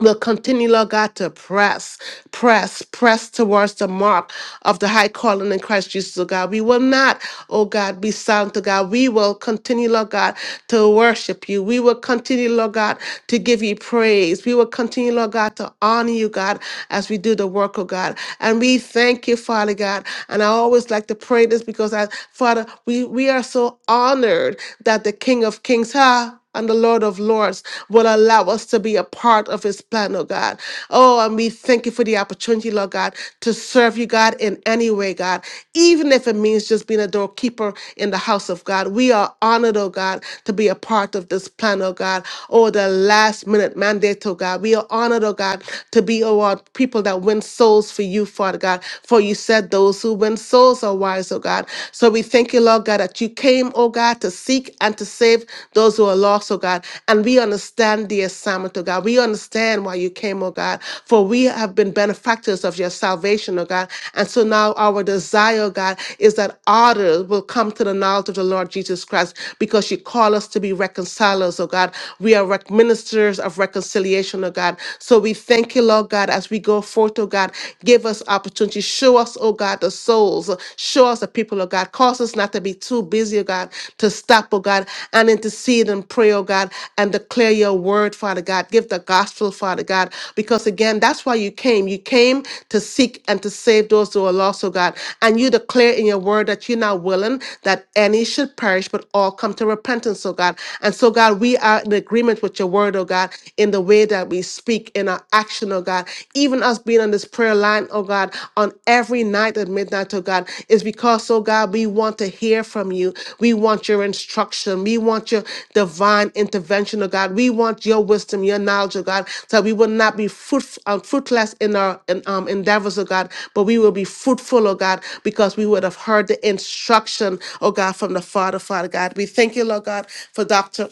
S2: We'll continue, Lord God, to press, press, press towards the mark of the high calling in Christ Jesus, oh God. We will not, oh God, be silent, oh God. We will continue, Lord God, to worship you. We will continue, Lord God, to give you praise. We will continue, Lord God, to honor you, God, as we do the work, oh God. And we thank you, Father God. And I always like to pray this because I, Father, we, we are so honored that the King of Kings, huh? and the Lord of Lords will allow us to be a part of His plan, oh God. Oh, and we thank you for the opportunity, Lord God, to serve you, God, in any way, God, even if it means just being a doorkeeper in the house of God. We are honored, oh God, to be a part of this plan, oh God, oh, the last minute mandate, oh God. We are honored, oh God, to be, oh, our people that win souls for you, Father God, for you said those who win souls are wise, oh God. So we thank you. Thank you, Lord God, that you came, oh God, to seek and to save those who are lost, oh God. And we understand the assignment, oh God. We understand why you came, oh God, for we have been benefactors of your salvation, oh God. And so now our desire, oh God, is that others will come to the knowledge of the Lord Jesus Christ because you call us to be reconcilers, oh God. We are rec- ministers of reconciliation, oh God. So we thank you, Lord God, as we go forth, oh God. Give us opportunity. Don't you show us, oh God, the souls. Show us the people, oh God. Cause us not to be too busy, oh God, to stop, oh God, and intercede and pray, oh God, and declare your word, Father God. Give the gospel, Father God, because again, that's why you came. You came to seek and to save those who are lost, oh God. And you declare in your word that you're not willing that any should perish, but all come to repentance, oh God. And so, God, we are in agreement with your word, oh God, in the way that we speak in our action, oh God, even us being on this prayer line, oh God, on every night at midnight, oh God, is because, oh God, we want to hear from you. We want your instruction. We want your divine intervention, oh God. We want your wisdom, your knowledge, oh God, so we will not be fruit, uh, fruitless in our in, um, endeavors, oh God, but we will be fruitful, oh God, because we would have heard the instruction, oh God, from the Father, Father God. We thank you, Lord God, for Dr.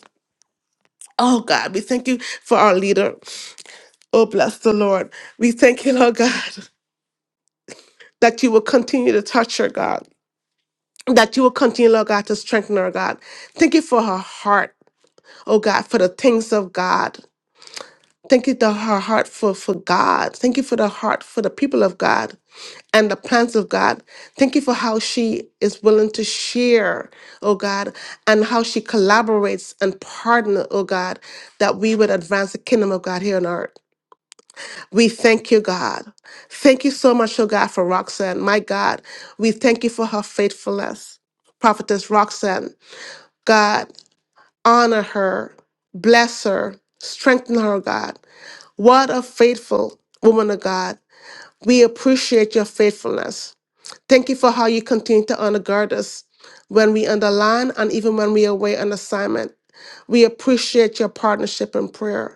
S2: Oh God, we thank you for our leader. Oh, bless the Lord. We thank you, Lord God, that you will continue to touch her, God, that you will continue, Lord God, to strengthen her, God. Thank you for her heart, oh God, for the things of God. Thank you for her heart for, for God. Thank you for the heart for the people of God and the plans of God. Thank you for how she is willing to share, oh God, and how she collaborates and partner, oh God, that we would advance the kingdom of God here on earth. We thank you, God. Thank you so much, oh God, for Roxanne. My God, we thank you for her faithfulness. Prophetess Roxanne, God, honor her, bless her, strengthen her, God. What a faithful woman of God. We appreciate your faithfulness. Thank you for how you continue to undergird us when we underline and even when we are away on assignment. We appreciate your partnership in prayer.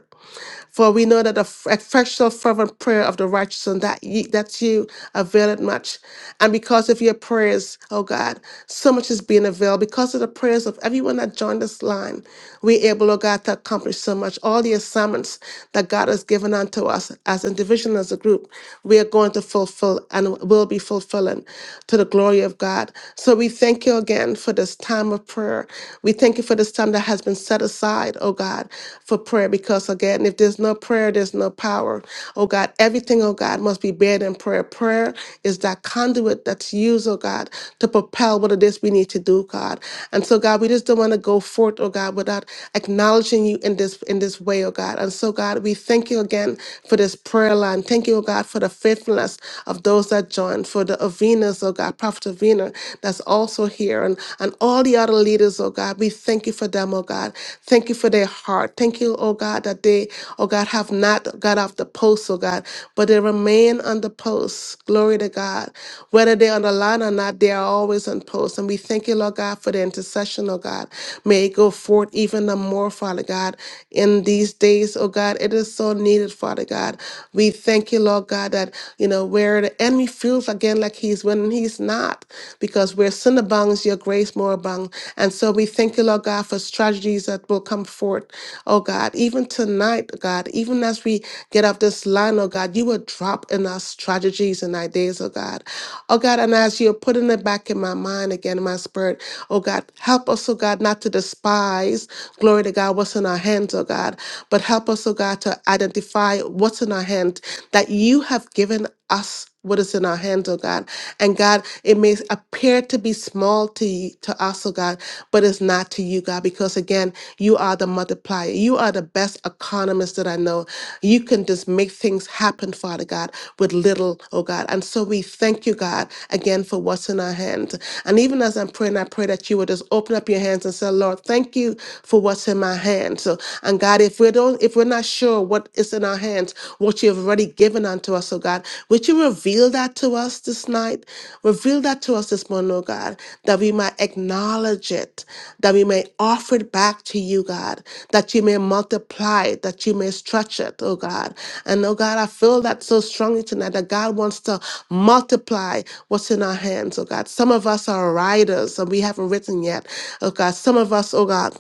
S2: For we know that the f- effectual fervent prayer of the righteous and that ye, that you availeth much. And because of your prayers, oh God, so much is being availed. Because of the prayers of everyone that joined this line, we able, oh God, to accomplish so much. All the assignments that God has given unto us as individual and as a group, we are going to fulfill and will be fulfilling to the glory of God. So we thank you again for this time of prayer. We thank you Thank you for this time that has been set aside, oh God, for prayer. Because again, if there's no prayer, there's no power. Oh God, everything, oh God, must be buried in prayer. Prayer is that conduit that's used, oh God, to propel what it is we need to do, God. And so, God, we just don't want to go forth, oh God, without acknowledging you in this in this way, oh God. And so, God, we thank you again for this prayer line. Thank you, oh God, for the faithfulness of those that joined, for the Avenas, oh God. Prophet Avina that's also here and, and all the other leaders, oh God. We thank you for them, oh God. Thank you for their heart. Thank you, oh God, that they, oh God, have not got off the post, oh God, but they remain on the post. Glory to God. Whether they're on the line or not, they are always on post. And we thank you, Lord God, for the intercession, oh God. May it go forth even the more, Father God, in these days, oh God. It is so needed, Father God. We thank thank you, Lord God, that, you know, where the enemy feels again like he's winning, he's not, because where sin abounds, your grace more abounds. And so we thank you, Lord God, for strategies that will come forth, oh God, even tonight, God, even as we get off this line, oh God, you will drop in our strategies and ideas, oh God. Oh God, and as you're putting it back in my mind again, in my spirit, oh God, help us, oh God, not to despise, glory to God, what's in our our hands, oh God, but help us, oh God, to identify what's in our hand that you have given us what is in our hands, oh God. And God, it may appear to be small to you, to us, oh God, but it's not to you, God, because again, you are the multiplier. You are the best economist that I know. You can just make things happen, Father God, with little, oh God. And so we thank you, God, again for what's in our hands. And even as I'm praying, and I pray that you will just open up your hands and say, Lord, thank you for what's in my hands. So, and God, if we don't, if we're not sure what is in our hands, what you have already given unto us, oh God, would you reveal that to us this night? Reveal that to us this morning, oh God, that we might acknowledge it, that we may offer it back to you, God, that you may multiply it, that you may stretch it, oh God. And oh God, I feel that so strongly tonight that God wants to multiply what's in our hands, oh God. Some of us are writers and we haven't written yet, oh God. Some of us, oh God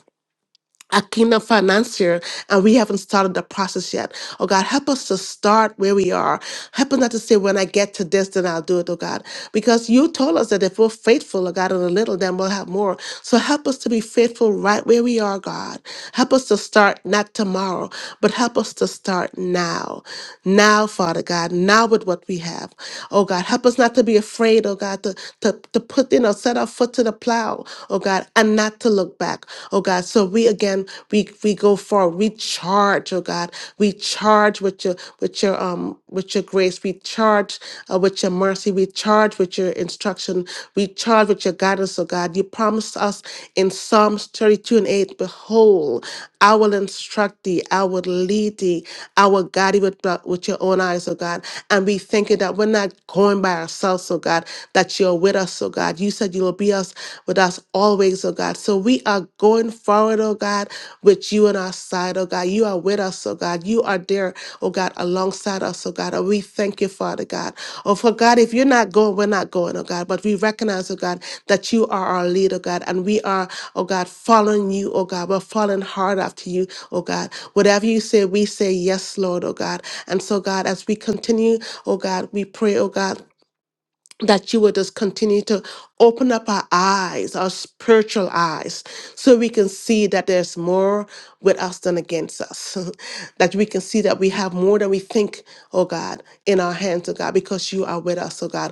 S2: a kingdom financier and we haven't started the process yet. Oh God, help us to start where we are. Help us not to say, when I get to this, then I'll do it, oh God. Because you told us that if we're faithful, oh God, in a little, then we'll have more. So help us to be faithful right where we are, God. Help us to start not tomorrow, but help us to start now. Now, Father God, now with what we have. Oh God, help us not to be afraid, oh God, to, to, to put, you know, set our foot to the plow plow, oh God, and not to look back, oh God. So we again, we we go forward, we charge, oh God, we charge with your with your um with your grace, we charge uh, with your mercy, we charge with your instruction, we charge with your guidance, oh God. You promised us in Psalms 32 and 8, behold. I will instruct thee. I will lead thee. I will guide thee with, with your own eyes, oh God. And we thank you that we're not going by ourselves, oh God, that you're with us, oh God. You said you will be us with us always, oh God. So we are going forward, oh God, with you on our side, oh God. You are with us, oh God. You are there, oh God, alongside us, oh God. And we thank you, Father God. Oh, for God, if you're not going, we're not going, oh God. But we recognize, oh God, that you are our leader, God, and we are oh God, following you, oh God. We're following hard after you, oh God. Whatever you say, we say yes, Lord, oh God. And so, God, as we continue, oh God, we pray, oh God. That you will just continue to open up our eyes, our spiritual eyes, so we can see that there's more with us than against us. that we can see that we have more than we think, oh God, in our hands, oh God, because you are with us, oh God.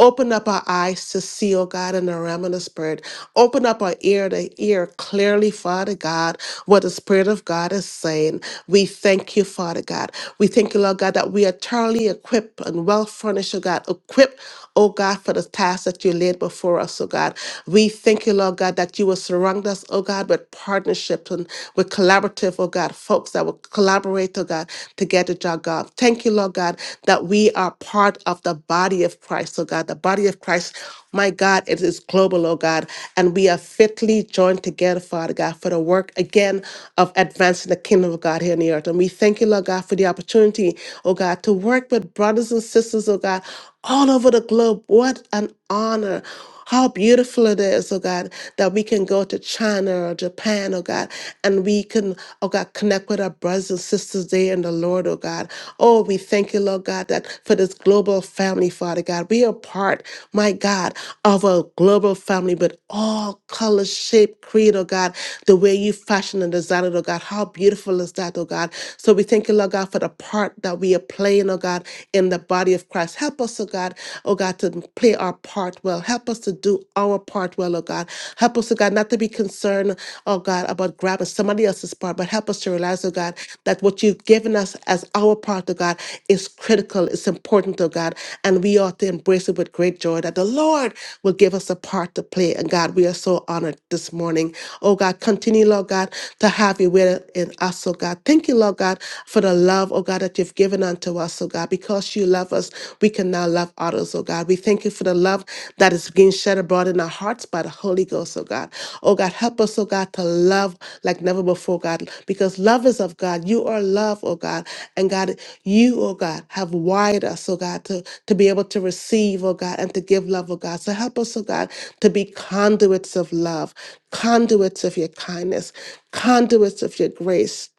S2: Open up our eyes to see, oh God, in the realm of the Spirit. Open up our ear to hear clearly, Father God, what the Spirit of God is saying. We thank you, Father God. We thank you, Lord God, that we are thoroughly equipped and well furnished, oh God, equipped, oh God, for the task that you laid before us, oh God. We thank you, Lord God, that you will surround us, oh God, with partnerships and with collaborative, oh God, folks that will collaborate, oh God, to get the job done. Thank you, Lord God, that we are part of the body of Christ, oh God. The body of Christ, my God, it is global, oh God. And we are fitly joined together, Father God, for the work again of advancing the kingdom of God here on the earth. And we thank you, Lord God, for the opportunity, oh God, to work with brothers and sisters, oh God, all over the globe. What an honor. How beautiful it is, oh God, that we can go to China or Japan, oh God, and we can, oh God, connect with our brothers and sisters there in the Lord, oh God. Oh, we thank you, Lord God, that for this global family, Father God, we are part, my God, of a global family, but all color, shape, creed, oh God, the way you fashion and design it, oh God. How beautiful is that, oh God? So we thank you, Lord God, for the part that we are playing, oh God, in the body of Christ. Help us, oh God, oh God, to play our part part well. Help us to do our part well, oh God. Help us, oh God, not to be concerned, oh God, about grabbing somebody else's part, but help us to realize, oh God, that what you've given us as our part, oh God, is critical, it's important, oh God, and we ought to embrace it with great joy that the Lord will give us a part to play. And God, we are so honored this morning. Oh God, continue, Lord God, to have you with in us, oh God. Thank you, Lord God, for the love, oh God, that you've given unto us, oh God, because you love us, we can now love others, oh God. God. We thank you for the love that is being shed abroad in our hearts by the Holy Ghost, oh God. Oh God, help us, oh God, to love like never before, God, because love is of God. You are love, oh God. And God, you, oh God, have wired us, oh God, to, to be able to receive, oh God, and to give love, oh God. So help us, oh God, to be conduits of love, conduits of your kindness, conduits of your grace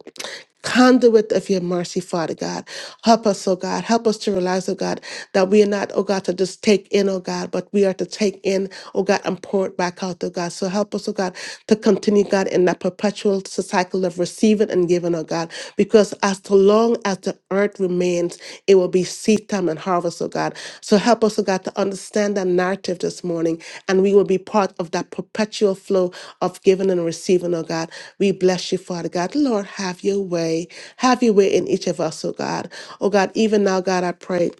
S2: conduit of your mercy, Father God. Help us, oh God. Help us to realize, oh God, that we are not, oh God, to just take in, oh God, but we are to take in, oh God, and pour it back out, oh God. So help us, oh God, to continue, God, in that perpetual cycle of receiving and giving, oh God, because as to long as the earth earth remains, it will be seed time and harvest, oh God. So help us, oh God, to understand that narrative this morning, and we will be part of that perpetual flow of giving and receiving, oh God. We bless you, Father God. Lord, have your way. Have your way in each of us, oh God. Oh God, even now, God, I pray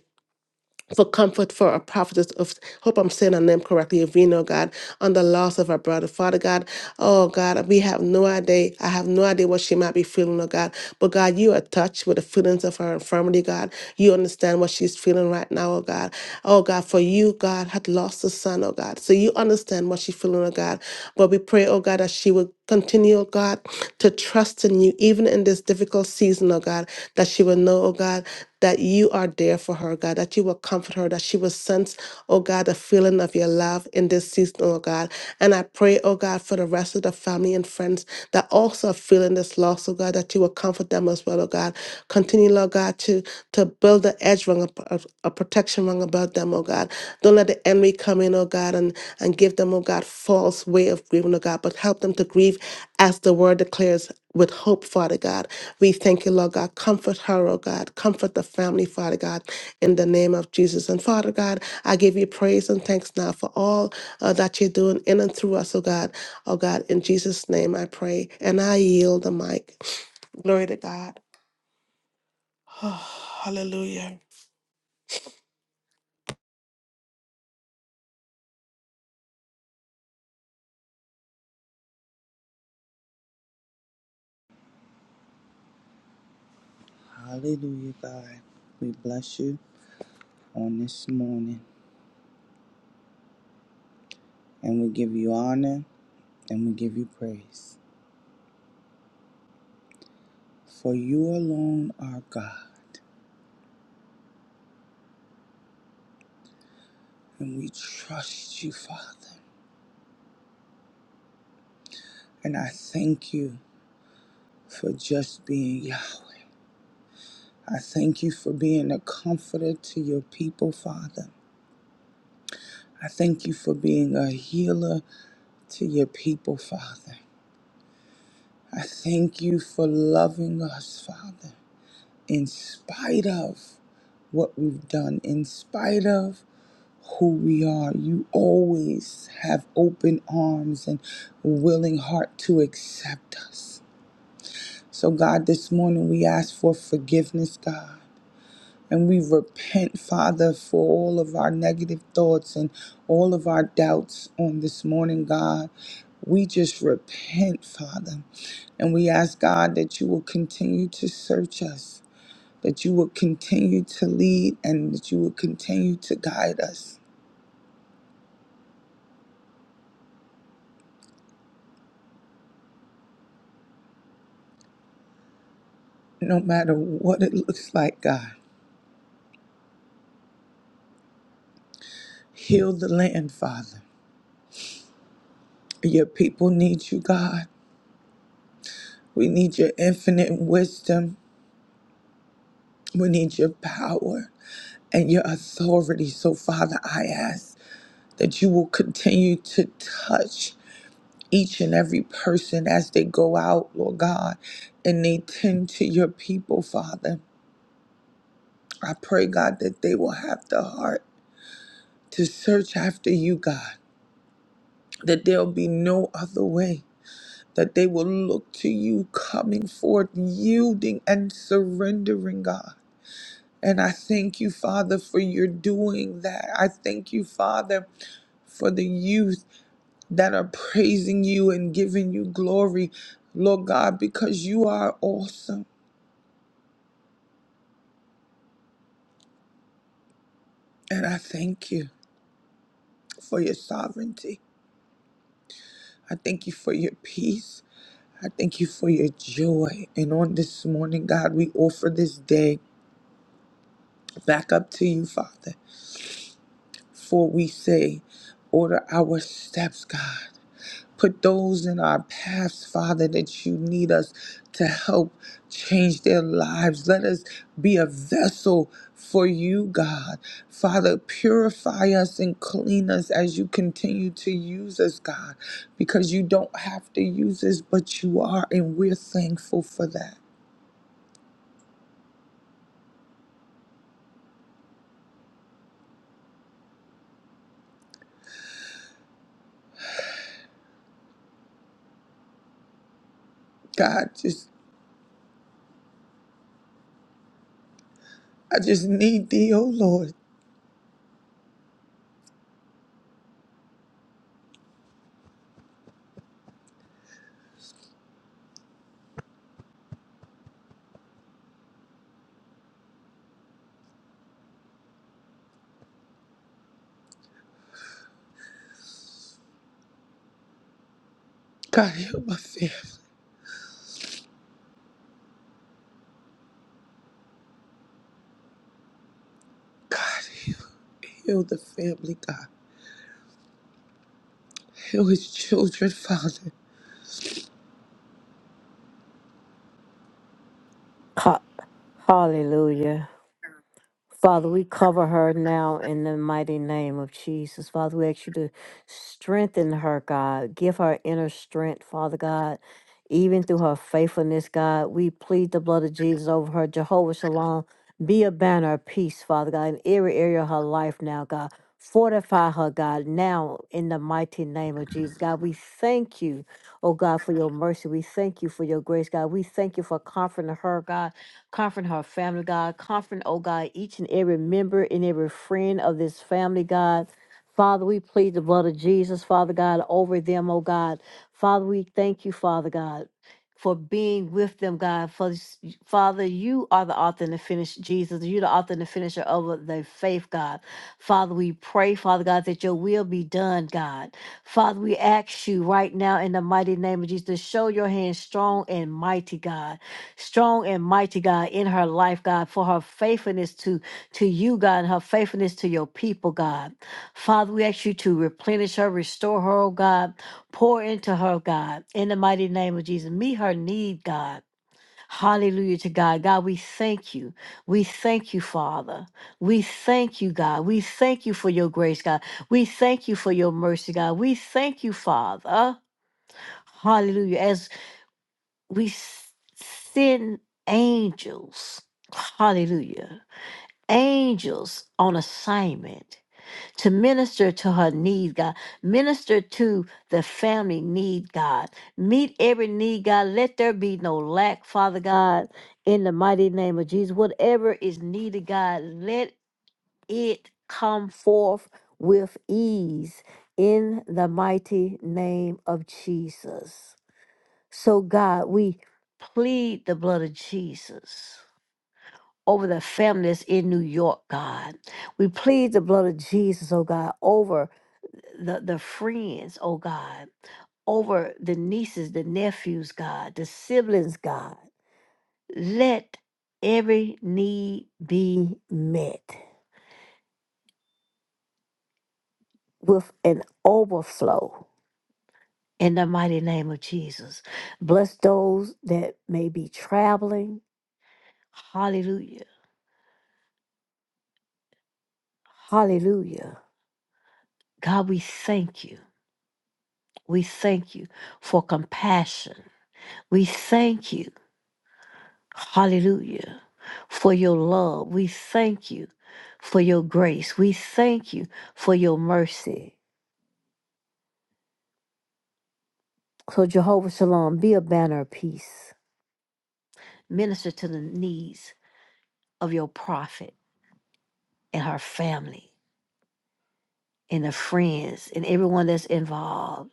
S2: for comfort for our prophetess of hope I'm saying her name correctly, Avino God, on the loss of our brother. Father God, oh God, we have no idea. I have no idea what she might be feeling, oh God. But God, you are touched with the feelings of her infirmity, God. You understand what she's feeling right now, oh God. Oh God, for you, God, had lost a son, oh God. So you understand what she's feeling, oh God. But we pray, oh God, that she would continue, oh God, to trust in you even in this difficult season, oh God, that she will know, oh God that you are there for her, God, that you will comfort her, that she will sense, oh God, the feeling of your love in this season, oh God. And I pray, oh God, for the rest of the family and friends that also are feeling this loss, oh God, that you will comfort them as well, oh God. Continue, Lord God, to, to build the edge rung up- a protection rung about them, oh God. Don't let the enemy come in, oh God, and, and give them, oh God, false way of grieving, oh God, but help them to grieve as the word declares with hope, Father God. We thank you, Lord God. Comfort her, oh God. Comfort the family, Father God, in the name of Jesus. And Father God, I give you praise and thanks now for all uh, that you're doing in and through us, oh God. Oh God, in Jesus' name I pray. And I yield the mic. Glory to God. hallelujah.
S3: Hallelujah, God. We bless you on this morning and we give you honor and we give you praise. For you alone are God and we trust you, Father. And I thank you for just being Yahweh. I thank you for being a comforter to your people, Father. I thank you for being a healer to your people, Father. I thank you for loving us, Father, in spite of. what we've done, in spite of who we are. You always have open arms and willing heart to accept us. So, God, this morning we ask for forgiveness, God. And we repent, Father, for all of our negative thoughts and all of our doubts on this morning, God. We just repent, Father. And we ask, God, that you will continue to search us that you will continue to lead and that you will continue to guide us no matter what it looks like, God. Heal the land, Father. Your people need you, God. We need your infinite wisdom. We need your power and your authority. So, Father, I ask that you will continue to touch each and every person as they go out, Lord God, and they tend to your people, Father. I pray, God, that they will have the heart to search after you, God, that there'll be no other way, that they will look to you, coming forth, yielding and surrendering, God. And I thank you, Father, for your doing that. I thank you, Father, for the youth that are praising you and giving you glory, Lord God, because you are awesome. And I thank you for your sovereignty. I thank you for your peace. I thank you for your joy. And on this morning, God, we offer this day back up to you, Father. For we say, order our steps, God. Put those in our paths, Father, that you need us to help change their lives. Let us be a vessel for you, God. Father, purify us and clean us as you continue to use us, God, because you don't have to use us, but you are, and we're thankful for that. God, just I just need thee, oh Lord. God, heal my family. God, heal, heal the family, God. Heal his children, Father.
S1: Ha- Hallelujah. Father, we cover her now in the mighty name of Jesus. Father, we ask you to strengthen her, God. Give her inner strength, Father God. Even through her faithfulness, God, we plead the blood of Jesus over her. Jehovah Shalom, be a banner of peace, Father God, in every area of her life now, God. Fortify her, God, now in the mighty name of Jesus. God, we thank you, oh God, for your mercy. We thank you for your grace, God. We thank you for comforting her, God Comfort her family, God. Comfort, oh God, each and every member and every friend of this family, God. Father, we plead the blood of Jesus, Father God, over them, oh God. Father, we thank you, Father God, for being with them, God. For s- Father, you are the author and the finisher, Jesus. You're the author and the finisher of their faith, God. Father, we pray, Father God, that your will be done, God. Father, we ask you right now in the mighty name of Jesus to show your hand strong and mighty, God strong and mighty God in her life, God, for her faithfulness to to you, God, and her faithfulness to your people, God. Father, we ask you to replenish her, restore her, oh God, pour into her, God, in the mighty name of Jesus. Meet her need, God. Hallelujah to God. God, we thank you. We thank you, Father. We thank you, God. We thank you for your grace, God. We thank you for your mercy, God. We thank you, Father. Hallelujah. As we s- send angels, hallelujah, angels on assignment to minister to her need, God, minister to the family need, God, meet every need, God. Let there be no lack, Father God, in the mighty name of Jesus. Whatever is needed, God, let it come forth with ease in the mighty name of Jesus. So, God, we plead the blood of Jesus over the families in New York, God. We plead the blood of Jesus, oh God, over the, the friends, oh God, over the nieces, the nephews, God, the siblings, God. Let every need be met with an overflow in the mighty name of Jesus. Bless those that may be traveling. Hallelujah. Hallelujah God, we thank you. We thank you for compassion. We thank you, hallelujah, for your love. We thank you for your grace. We thank you for your mercy. So, Jehovah Shalom, be a banner of peace. Minister to the needs of your prophet and her family and her friends and everyone that's involved.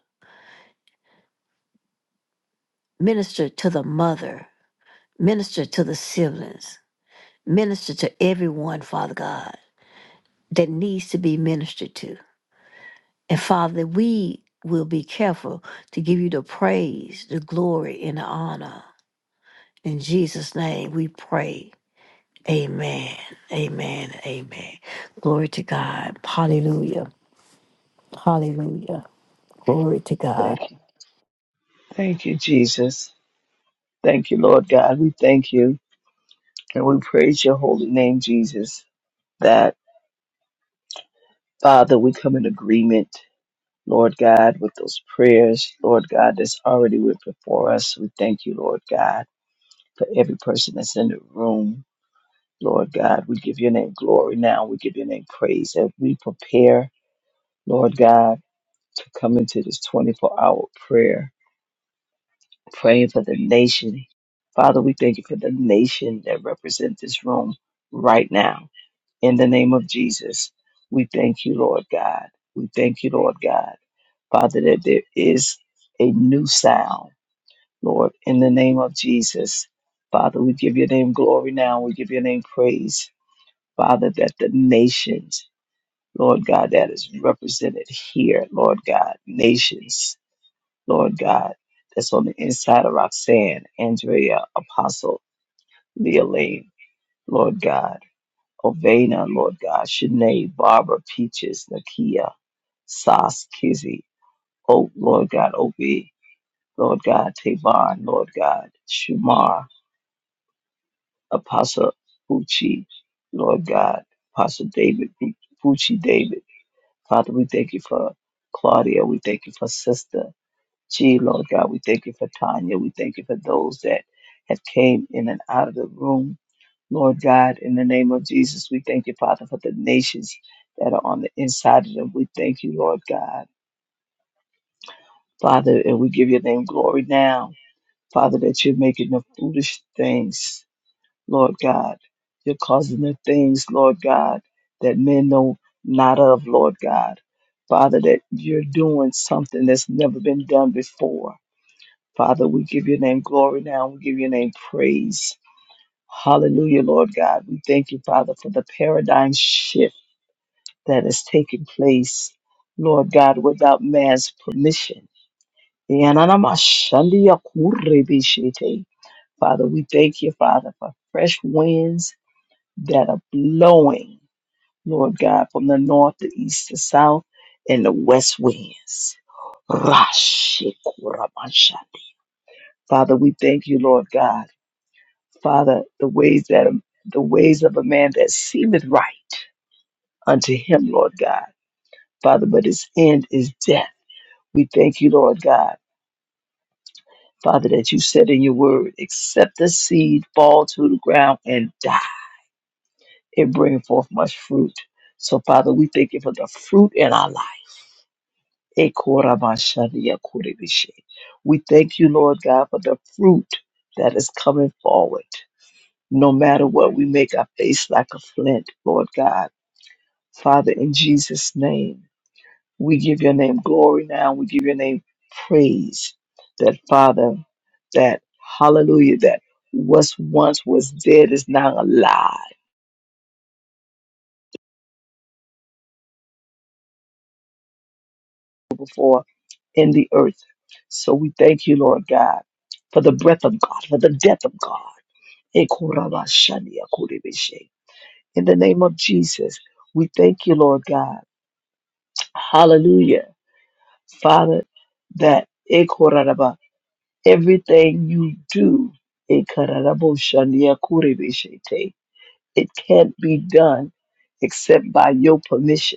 S1: Minister to the mother. Minister to the siblings. Minister to everyone, Father God. that needs to be ministered to. And Father, we will be careful to give you the praise, the glory, and the honor. In Jesus' name we pray. Amen. Amen. Amen. Glory to God. Hallelujah. Hallelujah. Glory to God.
S4: Thank you. Thank you, Jesus. Thank you, Lord God. We thank you and we praise your holy name, Jesus, that Father, we come in agreement, Lord God, with those prayers, Lord God, that's already went before us. We thank you, Lord God, for every person that's in the room. Lord God, we give your name glory now. We give your name praise as we prepare, Lord God, to come into this 24 hour prayer. praying for the nation. Father, we thank you for the nation that represent this room right now. In the name of Jesus, we thank you, Lord God. We thank you, Lord God. Father, that there is a new sound, Lord, in the name of Jesus. Father, we give your name glory now. We give your name praise. Father, that the nations, Lord God, that is represented here, Lord God, nations Lord God, that's on the inside of Roxanne, Andrea, Apostle, Leah Lane, Lord God, Ovena, Lord God, Sinead, Barbara, Peaches, Nakia, Sas, Kizzy, Oak, Lord God, OB, Lord God, Tavon, Lord God, Shamar, Apostle Pucci, Lord God, Apostle David, Pucci David. Father, we thank you for Claudia. We thank you for Sister. Gee, Lord God, we thank you for Tanya. We thank you for those that have came in and out of the room. Lord God, in the name of Jesus, we thank you, Father, for the nations that are on the inside of them. We thank you, Lord God. Father, and we give your name glory now. Father, that you're making the foolish things, Lord God. You're causing the things, Lord God, that men know not of, Lord God. Father, that you're doing something that's never been done before. Father, we give your name glory now. We give your name praise. Hallelujah, Lord God. We thank you, Father, for the paradigm shift that is taking place, Lord God, without man's permission. Father, we thank you, Father, for fresh winds that are blowing, Lord God, from the north, the east, the south, and the west winds. Father, we thank you, Lord God. Father, the ways that the ways of a man that seemeth right unto him, Lord God. Father, but his end is death. We thank you, Lord God. Father, that you said in your word, except the seed fall to the ground and die, it bringeth forth much fruit. So, Father, we thank you for the fruit in our life. Ekorabashadiakorebishe. We thank you, Lord God, for the fruit that is coming forward. No matter what, we make our face like a flint, Lord God Father, in Jesus' name, we give your name glory now. We give your name praise. That Father, that hallelujah, that what once was dead is now alive before in the earth. So we thank you, Lord God, for the breath of God, for the death of God. In the name of Jesus, we thank you, Lord God. Hallelujah. Father, that Everything you do, it can't be done except by your permission.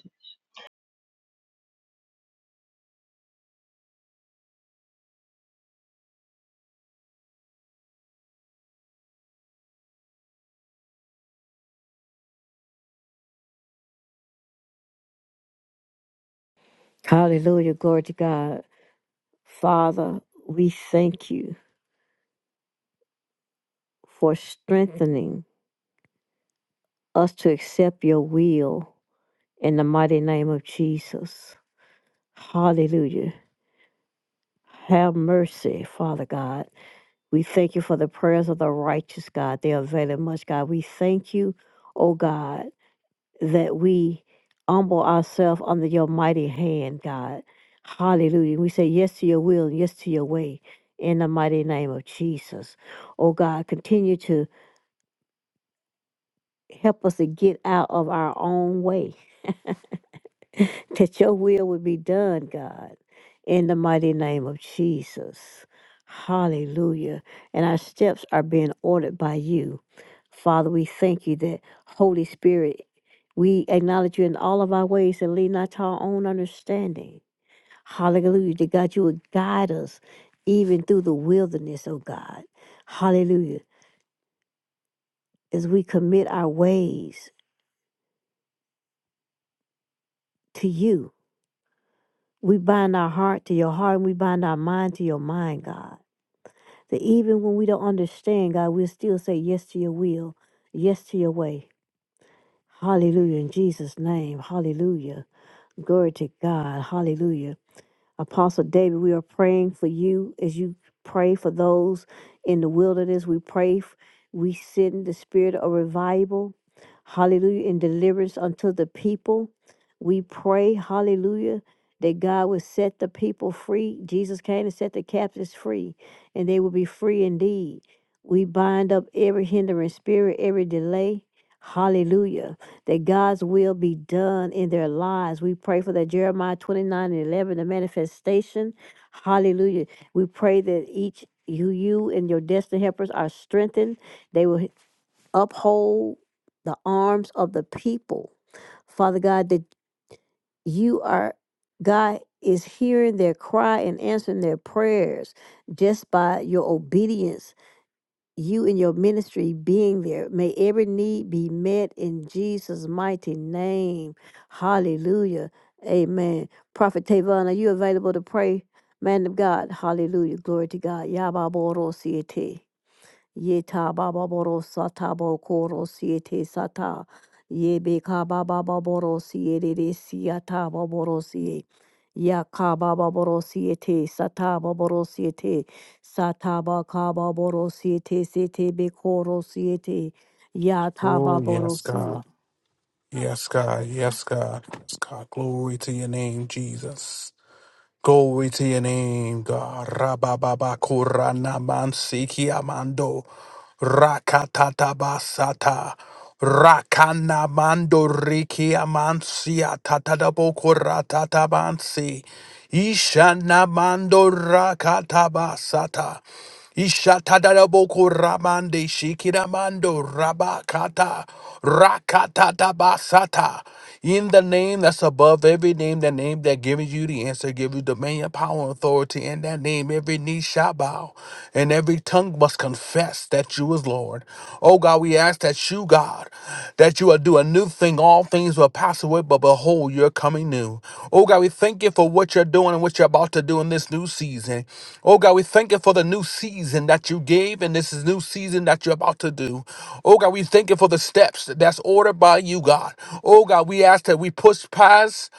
S1: Hallelujah. Glory to God. Father, we thank you for strengthening us to accept your will in the mighty name of Jesus. Hallelujah. Have mercy, Father God. We thank you for the prayers of the righteous, God. They avail much, God. We thank you, oh God, that we humble ourselves under your mighty hand, God. Hallelujah. We say yes to your will and yes to your way in the mighty name of Jesus. Oh God, continue to help us to get out of our own way that your will would be done, God, in the mighty name of Jesus. Hallelujah. And our steps are being ordered by you. Father, we thank you that Holy Spirit, we acknowledge you in all of our ways and lean not to our own understanding. Hallelujah. That God, you would guide us even through the wilderness, oh God. Hallelujah. As we commit our ways to you, we bind our heart to your heart and we bind our mind to your mind, God. That even when we don't understand, God, we'll still say yes to your will, yes to your way. Hallelujah. In Jesus' name. Hallelujah. Glory to God. Hallelujah. Apostle David, we are praying for you as you pray for those in the wilderness. We pray, f- we send the spirit of revival, hallelujah, and deliverance unto the people. We pray, hallelujah, that God will set the people free. Jesus came to set the captives free, and they will be free indeed. We bind up every hindering spirit, every delay. Hallelujah that God's will be done in their lives. We pray for that Jeremiah 29 and 11, the manifestation. Hallelujah. We pray that each you, you and your destiny helpers are strengthened. They will uphold the arms of the people. Father God, that you are, God is hearing their cry and answering their prayers just by your obedience you and your ministry being there. May every need be met in Jesus' mighty name. Hallelujah. Amen. Prophet Tavon, are you available to pray? Man of God. Hallelujah. Glory to God. Yababoro siete. Yeta baba boro sata bo koro sata. Ye baba boro siete siata boro sie. Ya baba boro siete sata boro siete. Sata ba ka boro siete siete be koro siete. Ya
S5: Oh, yes, God. Yes, God. Yes, God. Yes, God. Glory to your name, Jesus. Glory to your name, God. Rabababa korana mansiki amando. Rakatabasata. Rakana mando riki amansia tatadabo koratatabansi. Ishana mando rakatabasata. Ishatadaboko Ramande Shikiramando Rabakata Rakatata Basata. In the name that's above every name, the name that gives you the answer, give you dominion, power, and authority. In that name, every knee shall bow, and every tongue must confess that you is Lord. Oh God, we ask that you, God, that you will do a new thing. All things will pass away, but behold, you're coming new. Oh God, we we thank you for what you're doing and what you're about to do in this new season. Oh God, we thank you for the new season that you gave and this is new season that you're about to do. Oh God, we thank you for the steps that's ordered by you, God. Oh God, we ask that we push past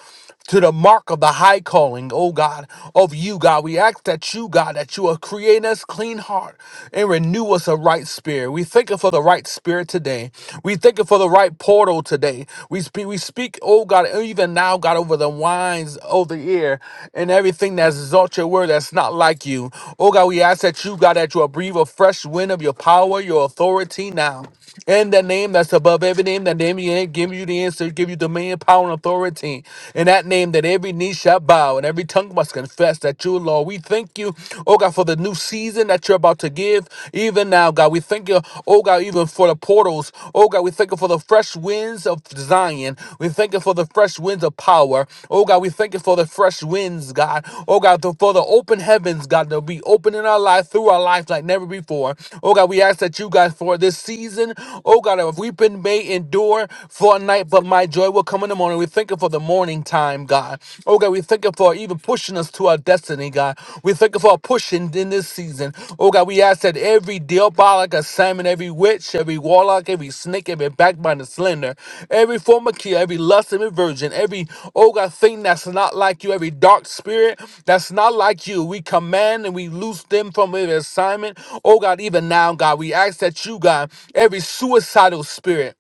S5: to the mark of the high calling, oh God, of you, God. We ask that you, God, that you will create us clean heart and renew us a right spirit. We thank you for the right spirit today. We thank you thanking for the right portal today. We speak, we speak, oh God, even now, God, over the wines of the ear and everything that's exalt your word that's not like you. Oh God, we ask that you, God, that you will breathe a fresh wind of your power, your authority now. In the name that's above every name, that name you ain't give you the answer, give you dominion, power, and authority. In that name that every knee shall bow and every tongue must confess that you, Lord. We thank you, oh God, for the new season that you're about to give even now, God. We thank you, oh God, even for the portals. Oh God, we thank you for the fresh winds of Zion. We thank you for the fresh winds of power. Oh God, we thank you for the fresh winds, God. Oh God, the- for the open heavens, God, to be open in our life through our life like never before. Oh God, we ask that you, God, for this season, oh God, if we've been may endure for a night, but my joy will come in the morning. We thank you for the morning time, God. Oh God, we thank you for even pushing us to our destiny, God. We thank you for pushing in this season. Oh God, we ask that every diabolic assignment, every witch, every warlock, every snake, every backbiter, slender, every form of kill, every lust, every virgin, every oh God thing that's not like you, every dark spirit that's not like you, we command and we loose them from every assignment. Oh God, even now, God, we ask that you, God, every suicidal spirit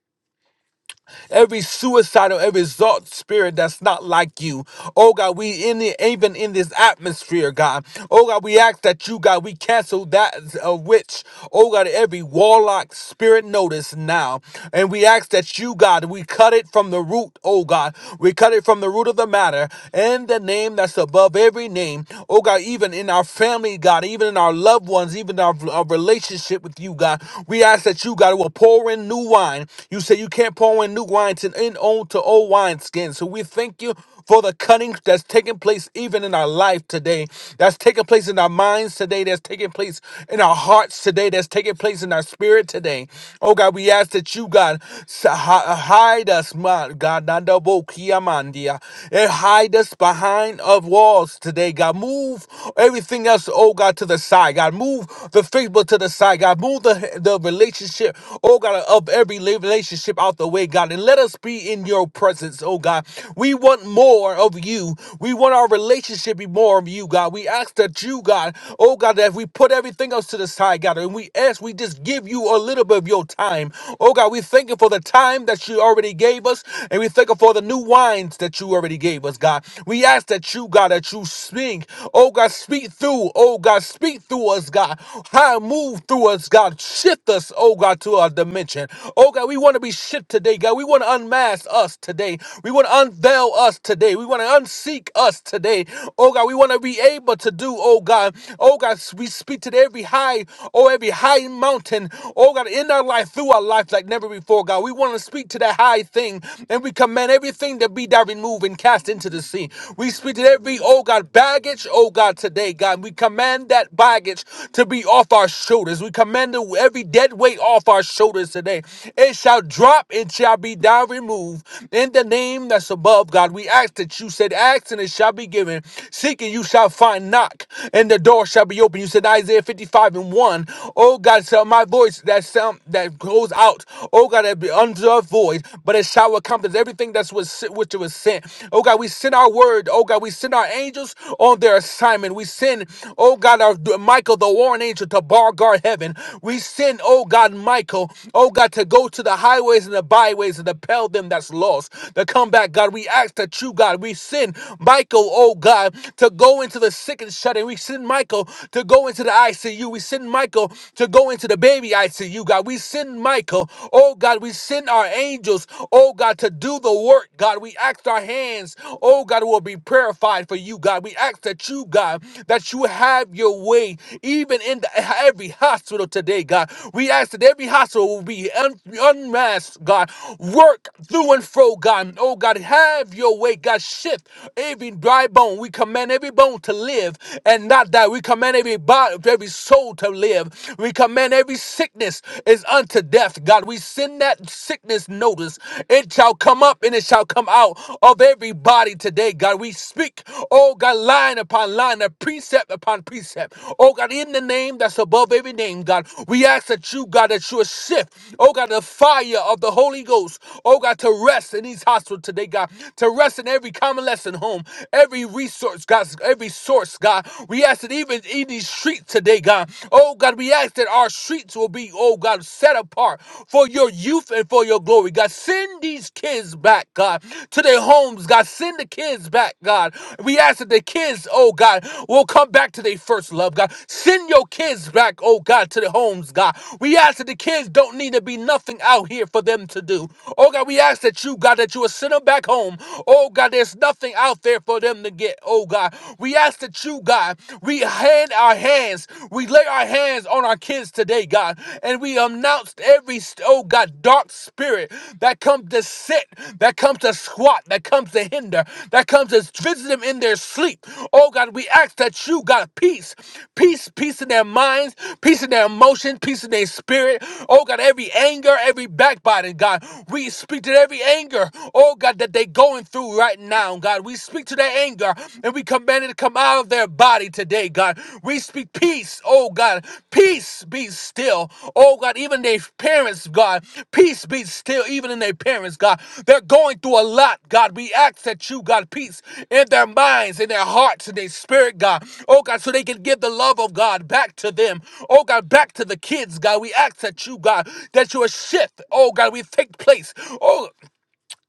S5: every suicidal, every exalt spirit that's not like you. Oh God, we in the even in this atmosphere, God. Oh God, we ask that you, God, we cancel that uh, witch. Oh God, every warlock spirit notice now. And we ask that you, God, we cut it from the root, oh God. We cut it from the root of the matter and the name that's above every name. Oh God, even in our family, God, even in our loved ones, even our, our relationship with you, God. We ask that you, God, will will pour in new wine. You say you can't pour in new wine to in old to old wine skins. So we thank you for the cutting that's taking place even in our life today, that's taking place in our minds today, that's taking place in our hearts today, that's taking place in our spirit today. Oh God, we ask that you, God, s- hi- hide us, my God, Nanda Bo Kiamandia, and hide us behind of walls today, God. Move everything else, oh God, to the side, God. Move the favor to the side, God. Move the, the relationship, oh God, of every relationship out the way, God. And let us be in your presence, oh God. We want more of you. We want our relationship to be more of you, God. We ask that you, God, oh God, that we put everything else to the side, God. And we ask, we just give you a little bit of your time. Oh God, we thank you for the time that you already gave us. And we thank you for the new wines that you already gave us, God. We ask that you, God, that you speak. Oh God, speak through, oh God. Speak through us, God. High move through us, God. Shift us, oh God, to our dimension. Oh God, we want to be shipped today, God. We want to unmask us today. We want to unveil us today. We want to unseek us today. Oh God, we want to be able to do, oh God. Oh God, we speak to every high, oh every high mountain, oh God, in our life, through our life like never before, God. We want to speak to that high thing and we command everything to be that removed and cast into the sea. We speak to every, oh God, baggage, oh God, today, God. We command that baggage to be off our shoulders. We command every dead weight off our shoulders today. It shall drop, it shall be down removed. In the name that's above, God, we ask that you said, Ask and it shall be given. Seek and you shall find. Knock and the door shall be open. You said, Isaiah 55 and 1. Oh God, so my voice that sound that goes out, oh God, that be unto a void, but it shall accomplish everything that's was was sent, which was sent. Oh God, we send our word. Oh God, we send our angels on their assignment. We send, oh God, our Michael, the warring angel, to bar guard heaven. We send, oh God, Michael, oh God, to go to the highways and the byways and to pell them that's lost. To come back, God. We ask that you, God, we send Michael, oh God, to go into the sick and shut in. We send Michael to go into the ICU. We send Michael to go into the baby ICU, God. We send Michael, oh God, we send our angels, oh God, to do the work. God, we ask our hands, oh God, will be purified for you, God. We ask that you, God, that you have your way, even in the, every hospital today, God. We ask that every hospital will be un- unmasked, God. Work through and fro, God. Oh God, have your way, God. Shift every dry bone. We command every bone to live and not die. We command every body, every soul to live. We command every sick sickness is unto death, God, we send that sickness notice. It shall come up and it shall come out of everybody today, God. We speak, oh God, line upon line, a precept upon precept. Oh God, in the name that's above every name, God, we ask that you, God, that you would shift, oh God, the fire of the Holy Ghost, oh God, to rest in these hospitals today, God, to rest in every convalescent home, every resource, God, every source, God. We ask that even in these streets, today, God. Oh, God, we ask that our streets will be, oh, God, set apart for your youth and for your glory. God, send these kids back, God, to their homes. God, send the kids back, God. We ask that the kids, oh, God, will come back to their first love, God. Send your kids back, oh, God, to their homes, God. We ask that the kids don't need to be nothing out here for them to do. Oh, God, we ask that you, God, that you will send them back home. Oh, God, there's nothing out there for them to get, oh, God. We ask that you, God, we hand our hands, we lay our hands on our kids today, God, and we announce every, oh God, dark spirit that comes to sit, that comes to squat, that comes to hinder, that comes to visit them in their sleep. Oh God, we ask that you, God, peace, peace, peace in their minds, peace in their emotions, peace in their spirit. Oh God, every anger, every backbiting, God, we speak to every anger, oh God, that they going through right now now, God. We speak to their anger and we command it to come out of their body today, God. We speak peace, oh God. Peace be still. Oh God, even their parents, God. Peace be still, even in their parents, God. They're going through a lot, God. We ask that you, God, peace in their minds, in their hearts, in their spirit, God. Oh God, so they can give the love of God back to them. Oh God, back to the kids, God. We ask that you, God, that you a shift, oh God, we take place. Oh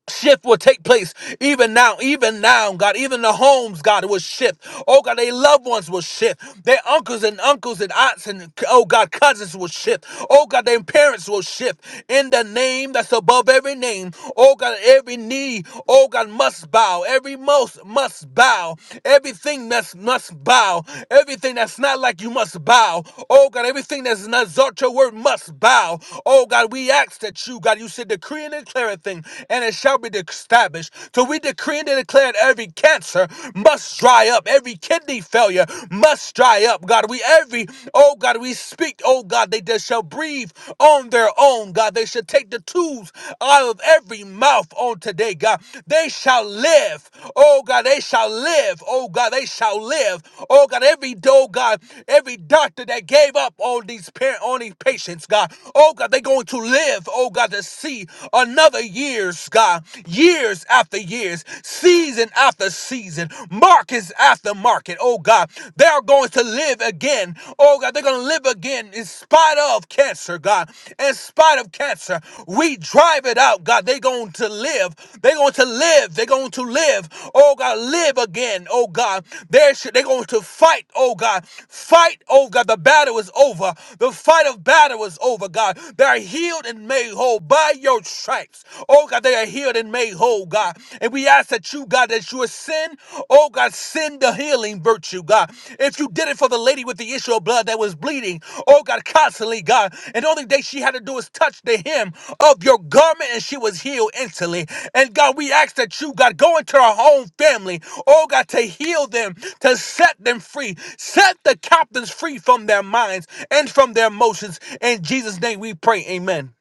S5: shift will take place even now even now god even the homes god will shift oh god their loved ones will shift their uncles and uncles and aunts and oh god cousins will shift oh god their parents will shift in the name that's above every name oh god every knee oh god must bow every most must bow everything that's must bow everything that's not like you must bow oh god everything that's not exalt your word must bow oh god we ask that you god you said decree decree and declare a thing, and it shall be established. So we decree and declare that every cancer must dry up, every kidney failure must dry up. God, we every, oh God, we speak, oh God, they just shall breathe on their own, God. They should take the tools out of every mouth on today, God. They shall live, oh God, they shall live, oh God, they shall live, oh God, every, oh God, every doctor that gave up on these parent on these patients, God, oh God, they going to live, oh God, to see another years, God, years after years, season after season, markets after market, oh God. They're going to live again, oh God. They're going to live again in spite of cancer, God. In spite of cancer, we drive it out, God. They're going to live. They're going to live. They're going to live, oh God. Live again, oh God. They're, they're going to fight, oh God. Fight, oh God. The battle is over. The fight of battle is it was over, God. They are healed and made whole by your stripes. Oh, God, they are healed and made whole, God. And we ask that you, God, that you would send, oh, God, send the healing virtue, God. If you did it for the lady with the issue of blood that was bleeding, oh, God, constantly, God. And the only thing she had to do was touch the hem of your garment and she was healed instantly. And God, we ask that you, God, go into our home family, oh, God, to heal them, to set them free, set the captives free from their minds and from their emotions in Jesus' name we pray. Amen.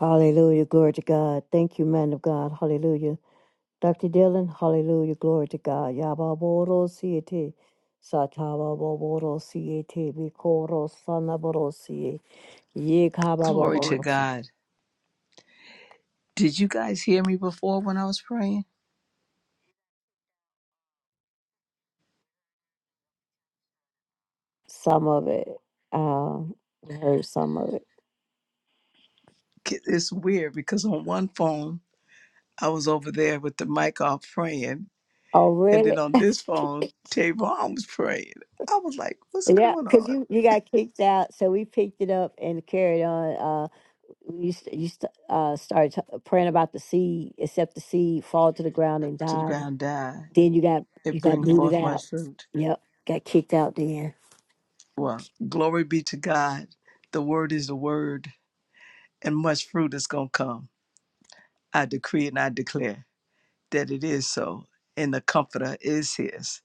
S1: Hallelujah. Glory to God. Thank you, man of God. Hallelujah. Dr. Dillon, hallelujah, glory to God. Yababoro siete, satababoro siete, bikoro sanaboro siete,
S6: Glory to
S1: yekababoro.
S6: God. Did you guys hear me before when I was praying?
S1: Some of it, um, I heard some of it.
S6: It's weird because on one phone, I was over there with the mic off praying.
S1: Oh,
S6: And
S1: really?
S6: then on this phone, Tavon was praying. I was like, what's
S1: Yeah,
S6: going
S1: because
S6: on?
S1: you, you got kicked out, so we picked it up and carried on. Uh, we used to, used to, uh, start t- praying about the seed, except the seed fall to the ground and
S6: To the
S1: die.
S6: ground die,
S1: Then you got you
S6: it
S1: got
S6: bring
S1: booted
S6: forth
S1: out.
S6: much fruit.
S1: Yep, got kicked out. Then
S6: Well, glory be to God. The word is the word, and much fruit is going to come. I decree and I declare that it is so. And the comforter is his.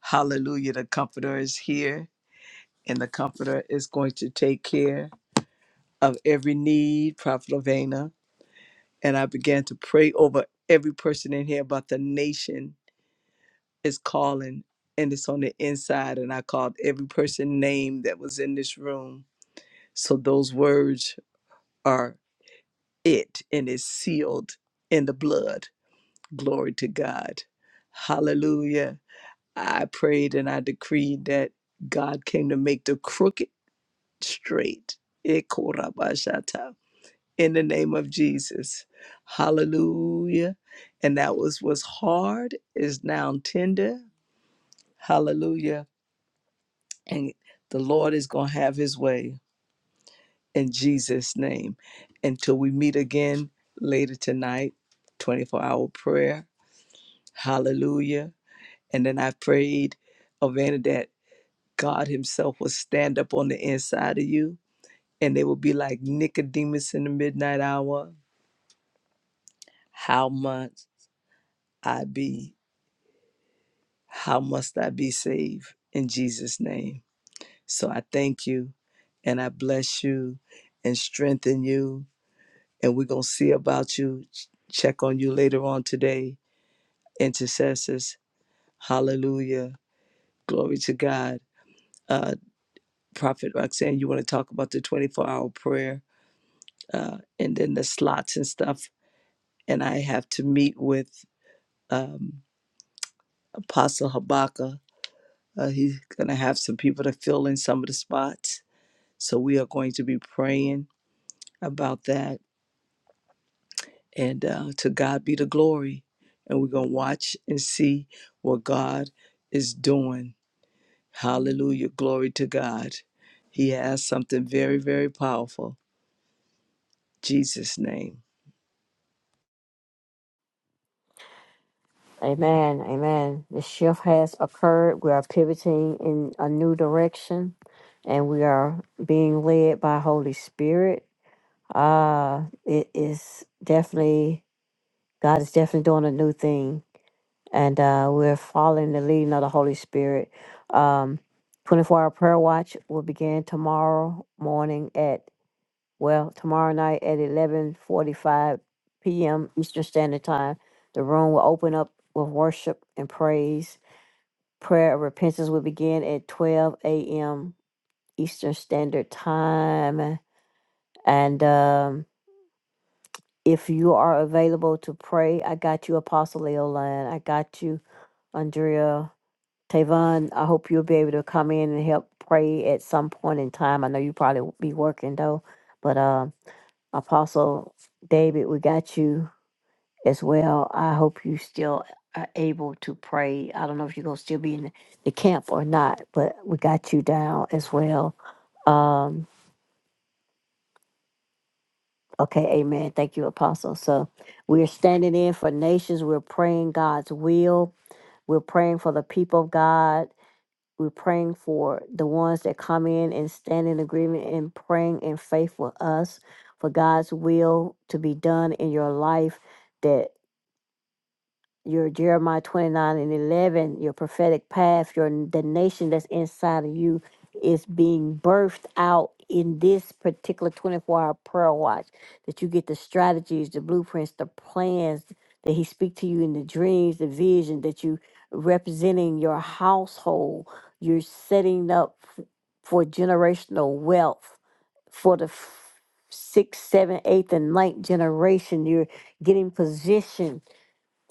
S6: Hallelujah. The comforter is here and the Comforter is going to take care of every need, Prophet Ovena. And I began to pray over every person in here about the nation is calling and it's on the inside. And I called every person name that was in this room. So those words are it and it's sealed in the blood. Glory to God. Hallelujah. I prayed and I decreed that God came to make the crooked straight. Ekorabashata. in the name of Jesus. Hallelujah. And that was what's hard is now tender. Hallelujah. And the Lord is going to have his way in Jesus name until we meet again later tonight 24-hour prayer. Hallelujah. And then I prayed Avana that God himself will stand up on the inside of you and they will be like Nicodemus in the midnight hour. How much I be How must I be saved? In Jesus' name. So I thank you and I bless you and strengthen you. And we're going to see about you, ch- check on you later on today, intercessors. Hallelujah. Glory to God. Uh, Prophet Roxanne, you want to talk about the 24 hour prayer uh, and then the slots and stuff. And I have to meet with um, Apostle Habakkuk. Uh, he's going to have some people to fill in some of the spots So we are going to be praying about that. And uh, to God be the glory. And we're going to watch and see what God is doing. Hallelujah. Glory to God. He has something very, very powerful. Jesus' name.
S1: Amen. Amen. The shift has occurred. We are pivoting in a new direction and we are being led by Holy Spirit. Uh it is definitely God is definitely doing a new thing, and uh, we're following the leading of the Holy Spirit. Um, 24 hour prayer watch will begin tomorrow morning at well tomorrow night at 11:45 p.m. Eastern Standard Time. The room will open up with worship and praise. Prayer of repentance will begin at 12 a.m. Eastern Standard Time, and um, if you are available to pray, I got you, Apostle Leoline. I got you Andrea, Tavon, I hope you'll be able to come in and help pray at some point in time. I know you probably will be working though, but uh, Apostle David, we got you as well. I hope you still are able to pray. I don't know if you're gonna still be in the camp or not, but we got you down as well. Um, okay, Amen. Thank you, Apostle. So we're standing in for nations. We're praying God's will. We're praying for the people of God we're praying for the ones that come in and stand in agreement and praying in faith for us, for God's will to be done in your life. That your Jeremiah 29 and 11, your prophetic path, your the nation that's inside of you is being birthed out in this particular 24 hour prayer watch. That you get the strategies, the blueprints, the plans that he speak to you in the dreams, the vision that you representing your household, you're setting up f- for generational wealth for the f- sixth, seventh, eighth, and ninth generation. You're getting positioned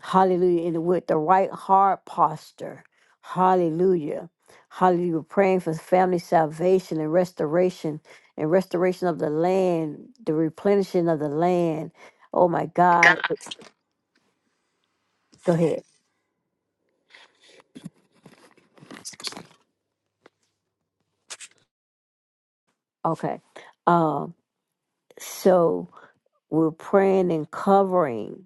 S1: Hallelujah. And with the right heart posture. Hallelujah. Hallelujah. We're praying for family salvation and restoration and restoration of the land, the replenishing of the land. Oh my God. Go ahead. Okay. Um, so we're praying and covering.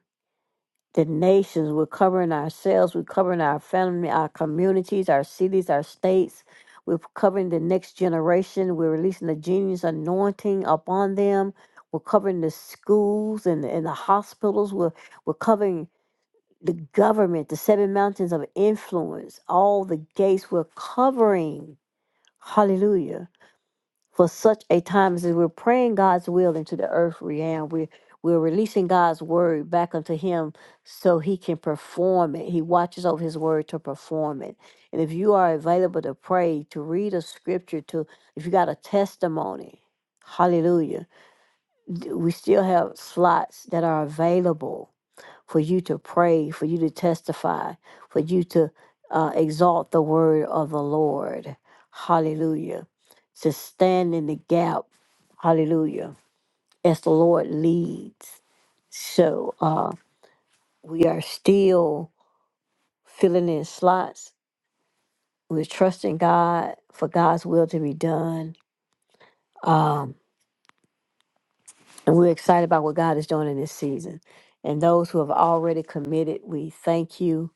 S1: the nations. We're covering ourselves. We're covering our family, our communities, our cities, our states. We're covering the next generation. We're releasing the genius anointing upon them. We're covering the schools and, and the hospitals. We're, we're covering the government, the seven mountains of influence, all the gates. We're covering. Hallelujah for such a time as this. we're praying God's will into the earth realm. We're we're releasing God's word back unto him so he can perform it. He watches over his word to perform it. And if you are available to pray, to read a scripture, to if you got a testimony, hallelujah. d- We still have slots that are available for you to pray, for you to testify, for you to uh, exalt the word of the Lord. Hallelujah. To stand in the gap. Hallelujah. As the Lord leads. So uh, we are still filling in slots. We're trusting God for God's will to be done. Um, and we're excited about what God is doing in this season. And those who have already committed, we thank you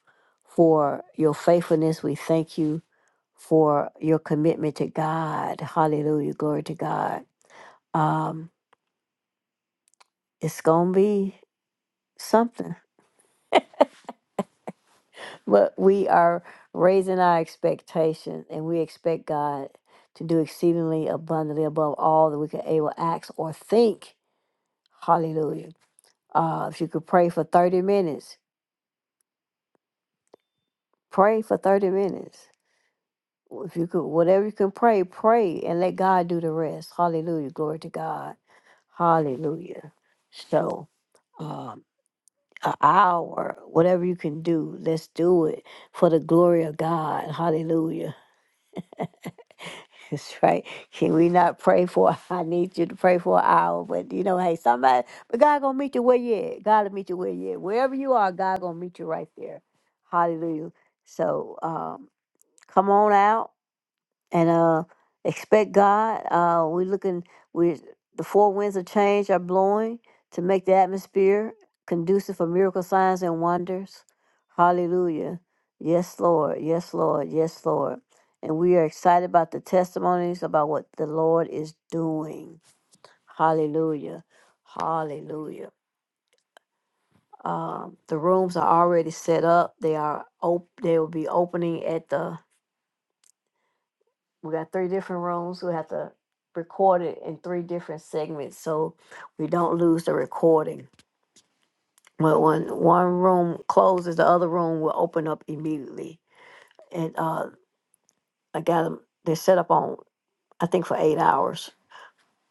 S1: for your faithfulness. We thank you for your commitment to God. Hallelujah. Glory to God. Um, it's going to be something. But we are raising our expectations, and we expect God to do exceedingly abundantly above all that we can able to ask or think. Hallelujah. Uh, if you could pray for 30 minutes, pray for 30 minutes. If you could, whatever you can pray, pray and let God do the rest. Hallelujah. Glory to God. Hallelujah. So, uh, an hour, whatever you can do, let's do it for the glory of God. Hallelujah. That's right. Can we not pray for? I need you to pray for an hour, but you know, hey, somebody, but God gonna meet you where you at. God will meet you where you at. Wherever you are, God gonna meet you right there. Hallelujah. So um, come on out and uh expect God. Uh we're looking we the four winds of change are blowing to make the atmosphere conducive for miracle signs and wonders. Hallelujah. Yes, Lord. Yes, Lord. Yes, Lord. And we are excited about the testimonies about what the Lord is doing. Hallelujah. Hallelujah. Um, the rooms are already set up. They are op- they will be opening at the we got three different rooms. We have to record it in three different segments so we don't lose the recording. But when one room closes, the other room will open up immediately. And uh, I got them, they're set up on, I think, for eight hours.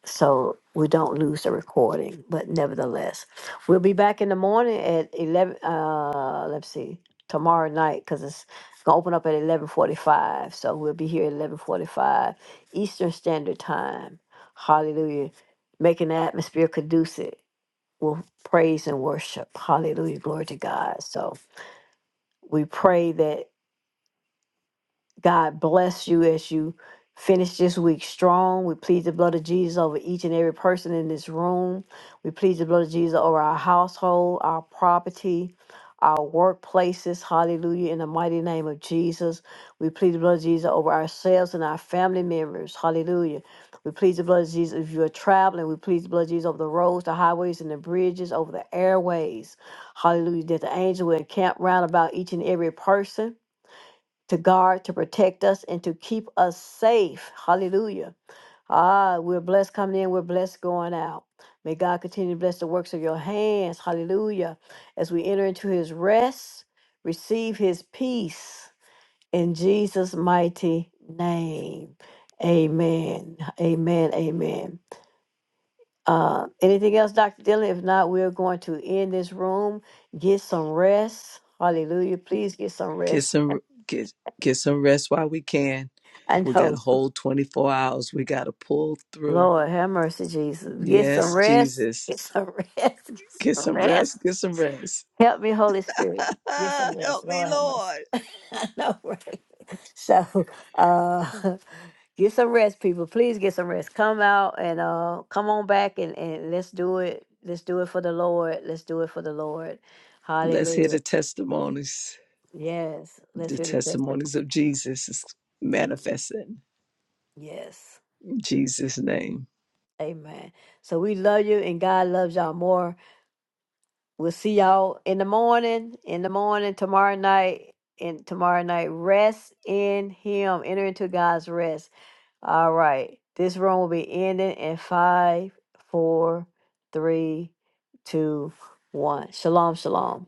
S1: so we don't lose the recording. But nevertheless, we'll be back in the morning at eleven. Uh, let's see, tomorrow night because it's gonna open up at eleven forty-five. So we'll be here at eleven forty-five Eastern Standard Time. Hallelujah! Making the atmosphere conducive with praise and worship. Hallelujah! Glory to God. So we pray that. God bless you as you finish this week strong. We plead the blood of Jesus over each and every person in this room. We plead the blood of Jesus over our household, our property, our workplaces. Hallelujah. In the mighty name of Jesus. We plead the blood of Jesus over ourselves and our family members. Hallelujah. We plead the blood of Jesus if you are traveling. We plead the blood of Jesus over the roads, the highways, and the bridges, over the airways. Hallelujah. That the angel will encamp round about each and every person to guard, to protect us, and to keep us safe. Hallelujah. Ah, we're blessed coming in, we're blessed going out. May God continue to bless the works of your hands. Hallelujah. As we enter into his rest, receive his peace in Jesus' mighty name. Amen. Amen. Amen. Uh, anything else, Dr. Dillon? If not, we're going to end this room. Get some rest. Hallelujah. Please get some
S6: Get
S1: rest.
S6: some get get some rest while we can.
S1: I
S6: We
S1: know.
S6: got a whole 24 hours. We got to pull through.
S1: Lord, have mercy, Jesus. Get some
S6: Yes,
S1: rest.
S6: Jesus.
S1: Get some rest. Get
S6: Get
S1: some
S6: some rest. Get
S1: rest.
S6: some rest.
S1: Help me, Holy Spirit. Get some rest.
S6: Help me,
S1: Lord, have mercy.
S6: Lord.
S1: I know, right? So, uh, get some rest, people. Please get some rest. Come out and uh, come on back and, and let's do it. Let's do it for the Lord. Let's do it for the Lord.
S6: Let's hear
S1: Hallelujah.
S6: the testimonies.
S1: Yes. Let's
S6: The
S1: hear the
S6: testimonies
S1: testimony.
S6: of Jesus is manifesting
S1: Yes.
S6: in Jesus' name.
S1: Amen. So we love you and God loves y'all more. We'll see y'all in the morning, in the morning, tomorrow night, and tomorrow night. Rest in Him. Enter into God's rest. All right. This room will be ending in five, four, three, two, one. Shalom, shalom.